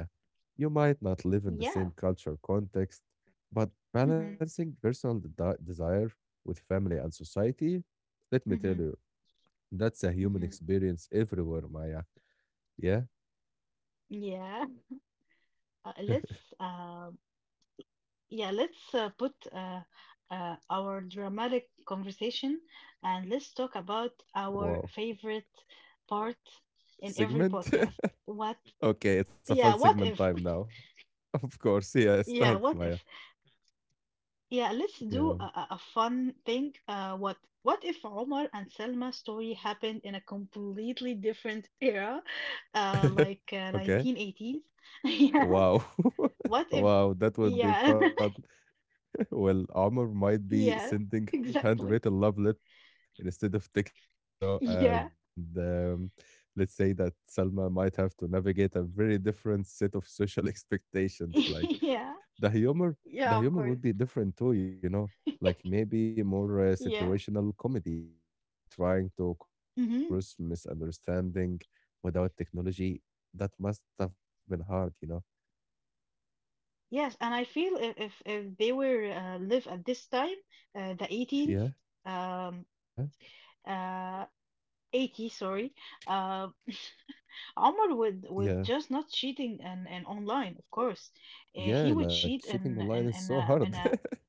Speaker 1: You might not live in the
Speaker 2: yeah
Speaker 1: same cultural context, but
Speaker 2: mm-hmm.
Speaker 1: balancing personal de- desire with family and society,
Speaker 2: Mm-hmm.
Speaker 1: let me tell you, that's
Speaker 2: Mm-hmm.
Speaker 1: a human experience everywhere, Maya. Yeah?
Speaker 2: yeah uh, let's uh, yeah let's uh, put uh, uh, our dramatic conversation and let's talk about our
Speaker 1: Wow.
Speaker 2: favorite part in every
Speaker 1: Segment?
Speaker 2: podcast what
Speaker 1: okay, it's a fun
Speaker 2: yeah
Speaker 1: segment
Speaker 2: what
Speaker 1: time
Speaker 2: if
Speaker 1: now. Of course, yeah,
Speaker 2: yeah
Speaker 1: start,
Speaker 2: what
Speaker 1: Maya.
Speaker 2: if Yeah, let's do
Speaker 1: Yeah.
Speaker 2: a, a a fun thing. Uh, what what if Omar and Selma's story happened in a completely different era, uh, like uh,
Speaker 1: okay.
Speaker 2: nineteen eighteen? Yeah.
Speaker 1: Wow.
Speaker 2: What if?
Speaker 1: Wow, that would be
Speaker 2: Yeah.
Speaker 1: fun. Well, Omar might be
Speaker 2: Yeah.
Speaker 1: sending
Speaker 2: Exactly.
Speaker 1: handwritten love letters instead of texting, you know, and
Speaker 2: Yeah.
Speaker 1: um, let's say that Salma might have to navigate a very different set of social expectations. Like
Speaker 2: Yeah.
Speaker 1: the humor, the
Speaker 2: Yeah.
Speaker 1: humor
Speaker 2: Of
Speaker 1: would
Speaker 2: course.
Speaker 1: be different too, you know, like maybe more uh,
Speaker 2: Yeah.
Speaker 1: situational comedy, like trying to communicate
Speaker 2: hmm
Speaker 1: across misunderstanding without technology. That must have been hard, you
Speaker 2: Yes, and I feel if if, if they were uh, live at this time, uh, the eighteenth,
Speaker 1: know.
Speaker 2: um,
Speaker 1: Yeah,
Speaker 2: uh, eighty, sorry. Uh, Omar would
Speaker 1: yeah,
Speaker 2: would just not cheating and and online, of course. Uh,
Speaker 1: yeah,
Speaker 2: he
Speaker 1: like
Speaker 2: would cheat
Speaker 1: cheating
Speaker 2: and
Speaker 1: online is
Speaker 2: and
Speaker 1: so
Speaker 2: and uh,
Speaker 1: hard.
Speaker 2: and uh,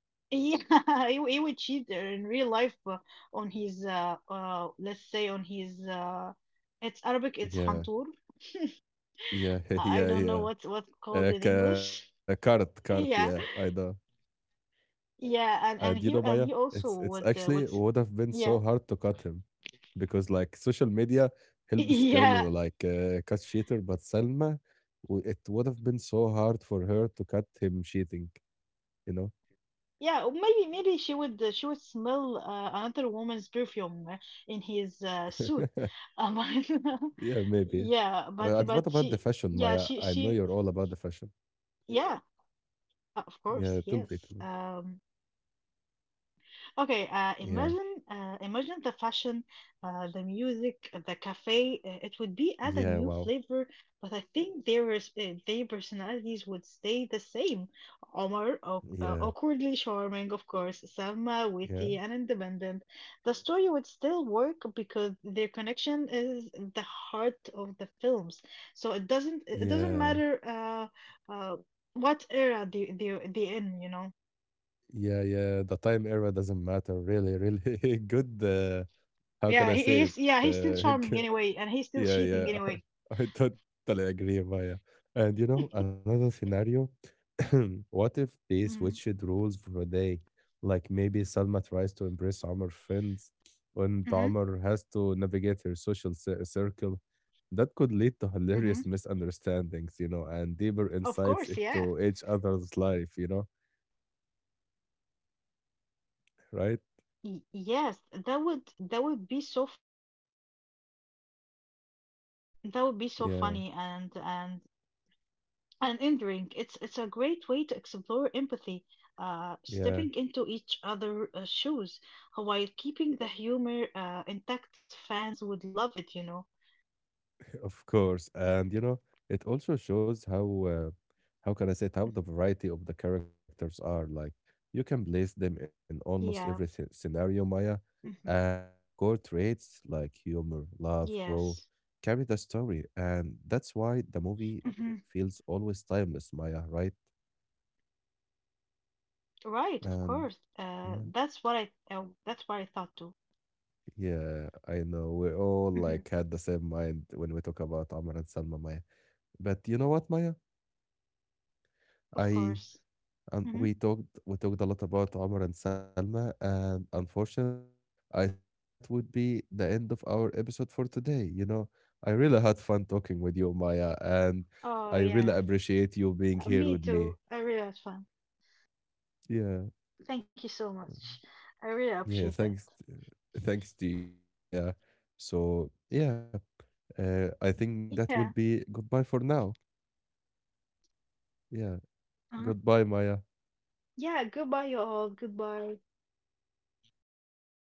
Speaker 2: yeah, he, he would cheat in real life uh, on his uh, uh let's say on his uh it's Arabic it's
Speaker 1: Yeah,
Speaker 2: hantour.
Speaker 1: yeah,
Speaker 2: I
Speaker 1: yeah,
Speaker 2: I don't
Speaker 1: yeah.
Speaker 2: know what's what's
Speaker 1: Uh,
Speaker 2: called in
Speaker 1: ca- cart,
Speaker 2: English.
Speaker 1: cart, yeah, I know.
Speaker 2: Yeah,
Speaker 1: And you
Speaker 2: yeah,
Speaker 1: know,
Speaker 2: and and
Speaker 1: Maya,
Speaker 2: he and
Speaker 1: it's
Speaker 2: he
Speaker 1: it's
Speaker 2: also
Speaker 1: actually
Speaker 2: would uh,
Speaker 1: would
Speaker 2: would s-
Speaker 1: have been so hard
Speaker 2: yeah.
Speaker 1: to cut him because like social media helps girl
Speaker 2: Yeah,
Speaker 1: like uh, cut cheater, but Selma, w- it would have been so hard for her to cut him cheating, you know?
Speaker 2: Yeah, or maybe maybe she would uh, she would smell uh, another woman's perfume uh, in his uh, suit. Um,
Speaker 1: Yeah, maybe. Uh,
Speaker 2: yeah,
Speaker 1: and what
Speaker 2: but
Speaker 1: about
Speaker 2: but
Speaker 1: the fashion,
Speaker 2: she
Speaker 1: Maya?
Speaker 2: yeah
Speaker 1: I
Speaker 2: she
Speaker 1: know you're
Speaker 2: she
Speaker 1: all about the fashion.
Speaker 2: yeah of
Speaker 1: Yeah,
Speaker 2: course
Speaker 1: it'll be,
Speaker 2: yes um Okay, uh,
Speaker 1: Yeah.
Speaker 2: imagine uh, imagine the fashion, uh, the music, uh, the cafe. Uh, It would be add a
Speaker 1: Yeah,
Speaker 2: new
Speaker 1: wow.
Speaker 2: flavor, but I think their res- uh, their personalities would stay the same. Omar, aw-
Speaker 1: Yeah,
Speaker 2: uh, awkwardly charming, of course. Salma,
Speaker 1: yeah,
Speaker 2: witty and independent. The story would
Speaker 1: yeah,
Speaker 2: still work because their connection is the heart of the films. So it doesn't it
Speaker 1: yeah,
Speaker 2: doesn't matter uh, uh, what era they they they in, you know.
Speaker 1: yeah, yeah. The time era doesn't matter, really, really. Good, uh, how can I
Speaker 2: Yeah, he
Speaker 1: say it?
Speaker 2: he's yeah, he's still
Speaker 1: Uh,
Speaker 2: charming
Speaker 1: good-
Speaker 2: anyway, and he's still
Speaker 1: yeah,
Speaker 2: cheating
Speaker 1: yeah.
Speaker 2: anyway.
Speaker 1: I, I totally agree, Maya. And you know, another scenario what if they
Speaker 2: Hmm
Speaker 1: switched roles for a day? Like maybe Salma tries to impress Amr friends, and
Speaker 2: hmm
Speaker 1: Amr has to navigate her social cir- circle. That could lead to
Speaker 2: hmm
Speaker 1: hilarious misunderstandings, you know, and deeper
Speaker 2: Of
Speaker 1: insights
Speaker 2: course, yeah.
Speaker 1: into each other's life, you know, right?
Speaker 2: Y- yes, that would that would be so funny. Y- Yeah, that would that would be so
Speaker 1: Yeah,
Speaker 2: funny and and and endearing. It's it's a great way to explore empathy, uh,
Speaker 1: yeah.
Speaker 2: stepping into each other uh, shoes uh, while keeping the humor uh, intact. Fans would love it, you know.
Speaker 1: Of course, and you know, it also shows how uh, how can I say it, how the variety of the characters are. Like you can place them in almost every
Speaker 2: Yeah.
Speaker 1: sce- scenario, Maya,
Speaker 2: hmm
Speaker 1: and their core traits like humor, love, grow,
Speaker 2: Yes.
Speaker 1: carry the story, and that's why the movie feels always timeless, Maya, right?
Speaker 2: Right, of
Speaker 1: And
Speaker 2: course. Uh,
Speaker 1: yeah,
Speaker 2: that's what I uh, that's what I thought too.
Speaker 1: yeah, I know we all
Speaker 2: Hmm
Speaker 1: like had the same mind when we talk about Amr and Salma, Maya. But you know what, Maya?
Speaker 2: Of
Speaker 1: I
Speaker 2: course.
Speaker 1: um, we
Speaker 2: Hmm
Speaker 1: talked we talked a lot about Omar and Salma, and unfortunately, I think that would be the end of our episode for today. You know, I really had fun talking with you, Maya,
Speaker 2: Oh
Speaker 1: and
Speaker 2: yeah,
Speaker 1: I really
Speaker 2: Uh,
Speaker 1: appreciate
Speaker 2: me
Speaker 1: you being
Speaker 2: too.
Speaker 1: here
Speaker 2: I
Speaker 1: with
Speaker 2: really had
Speaker 1: me.
Speaker 2: fun.
Speaker 1: Yeah,
Speaker 2: Thank you so much. I really appreciate that.
Speaker 1: yeah. Thanks, thanks to you, Maya. So yeah, uh, I
Speaker 2: Yeah.
Speaker 1: think that will be goodbye for now. Yeah,
Speaker 2: Uh-huh.
Speaker 1: goodbye, Maya.
Speaker 2: Yeah. Goodbye, you all. Goodbye. Goodbye.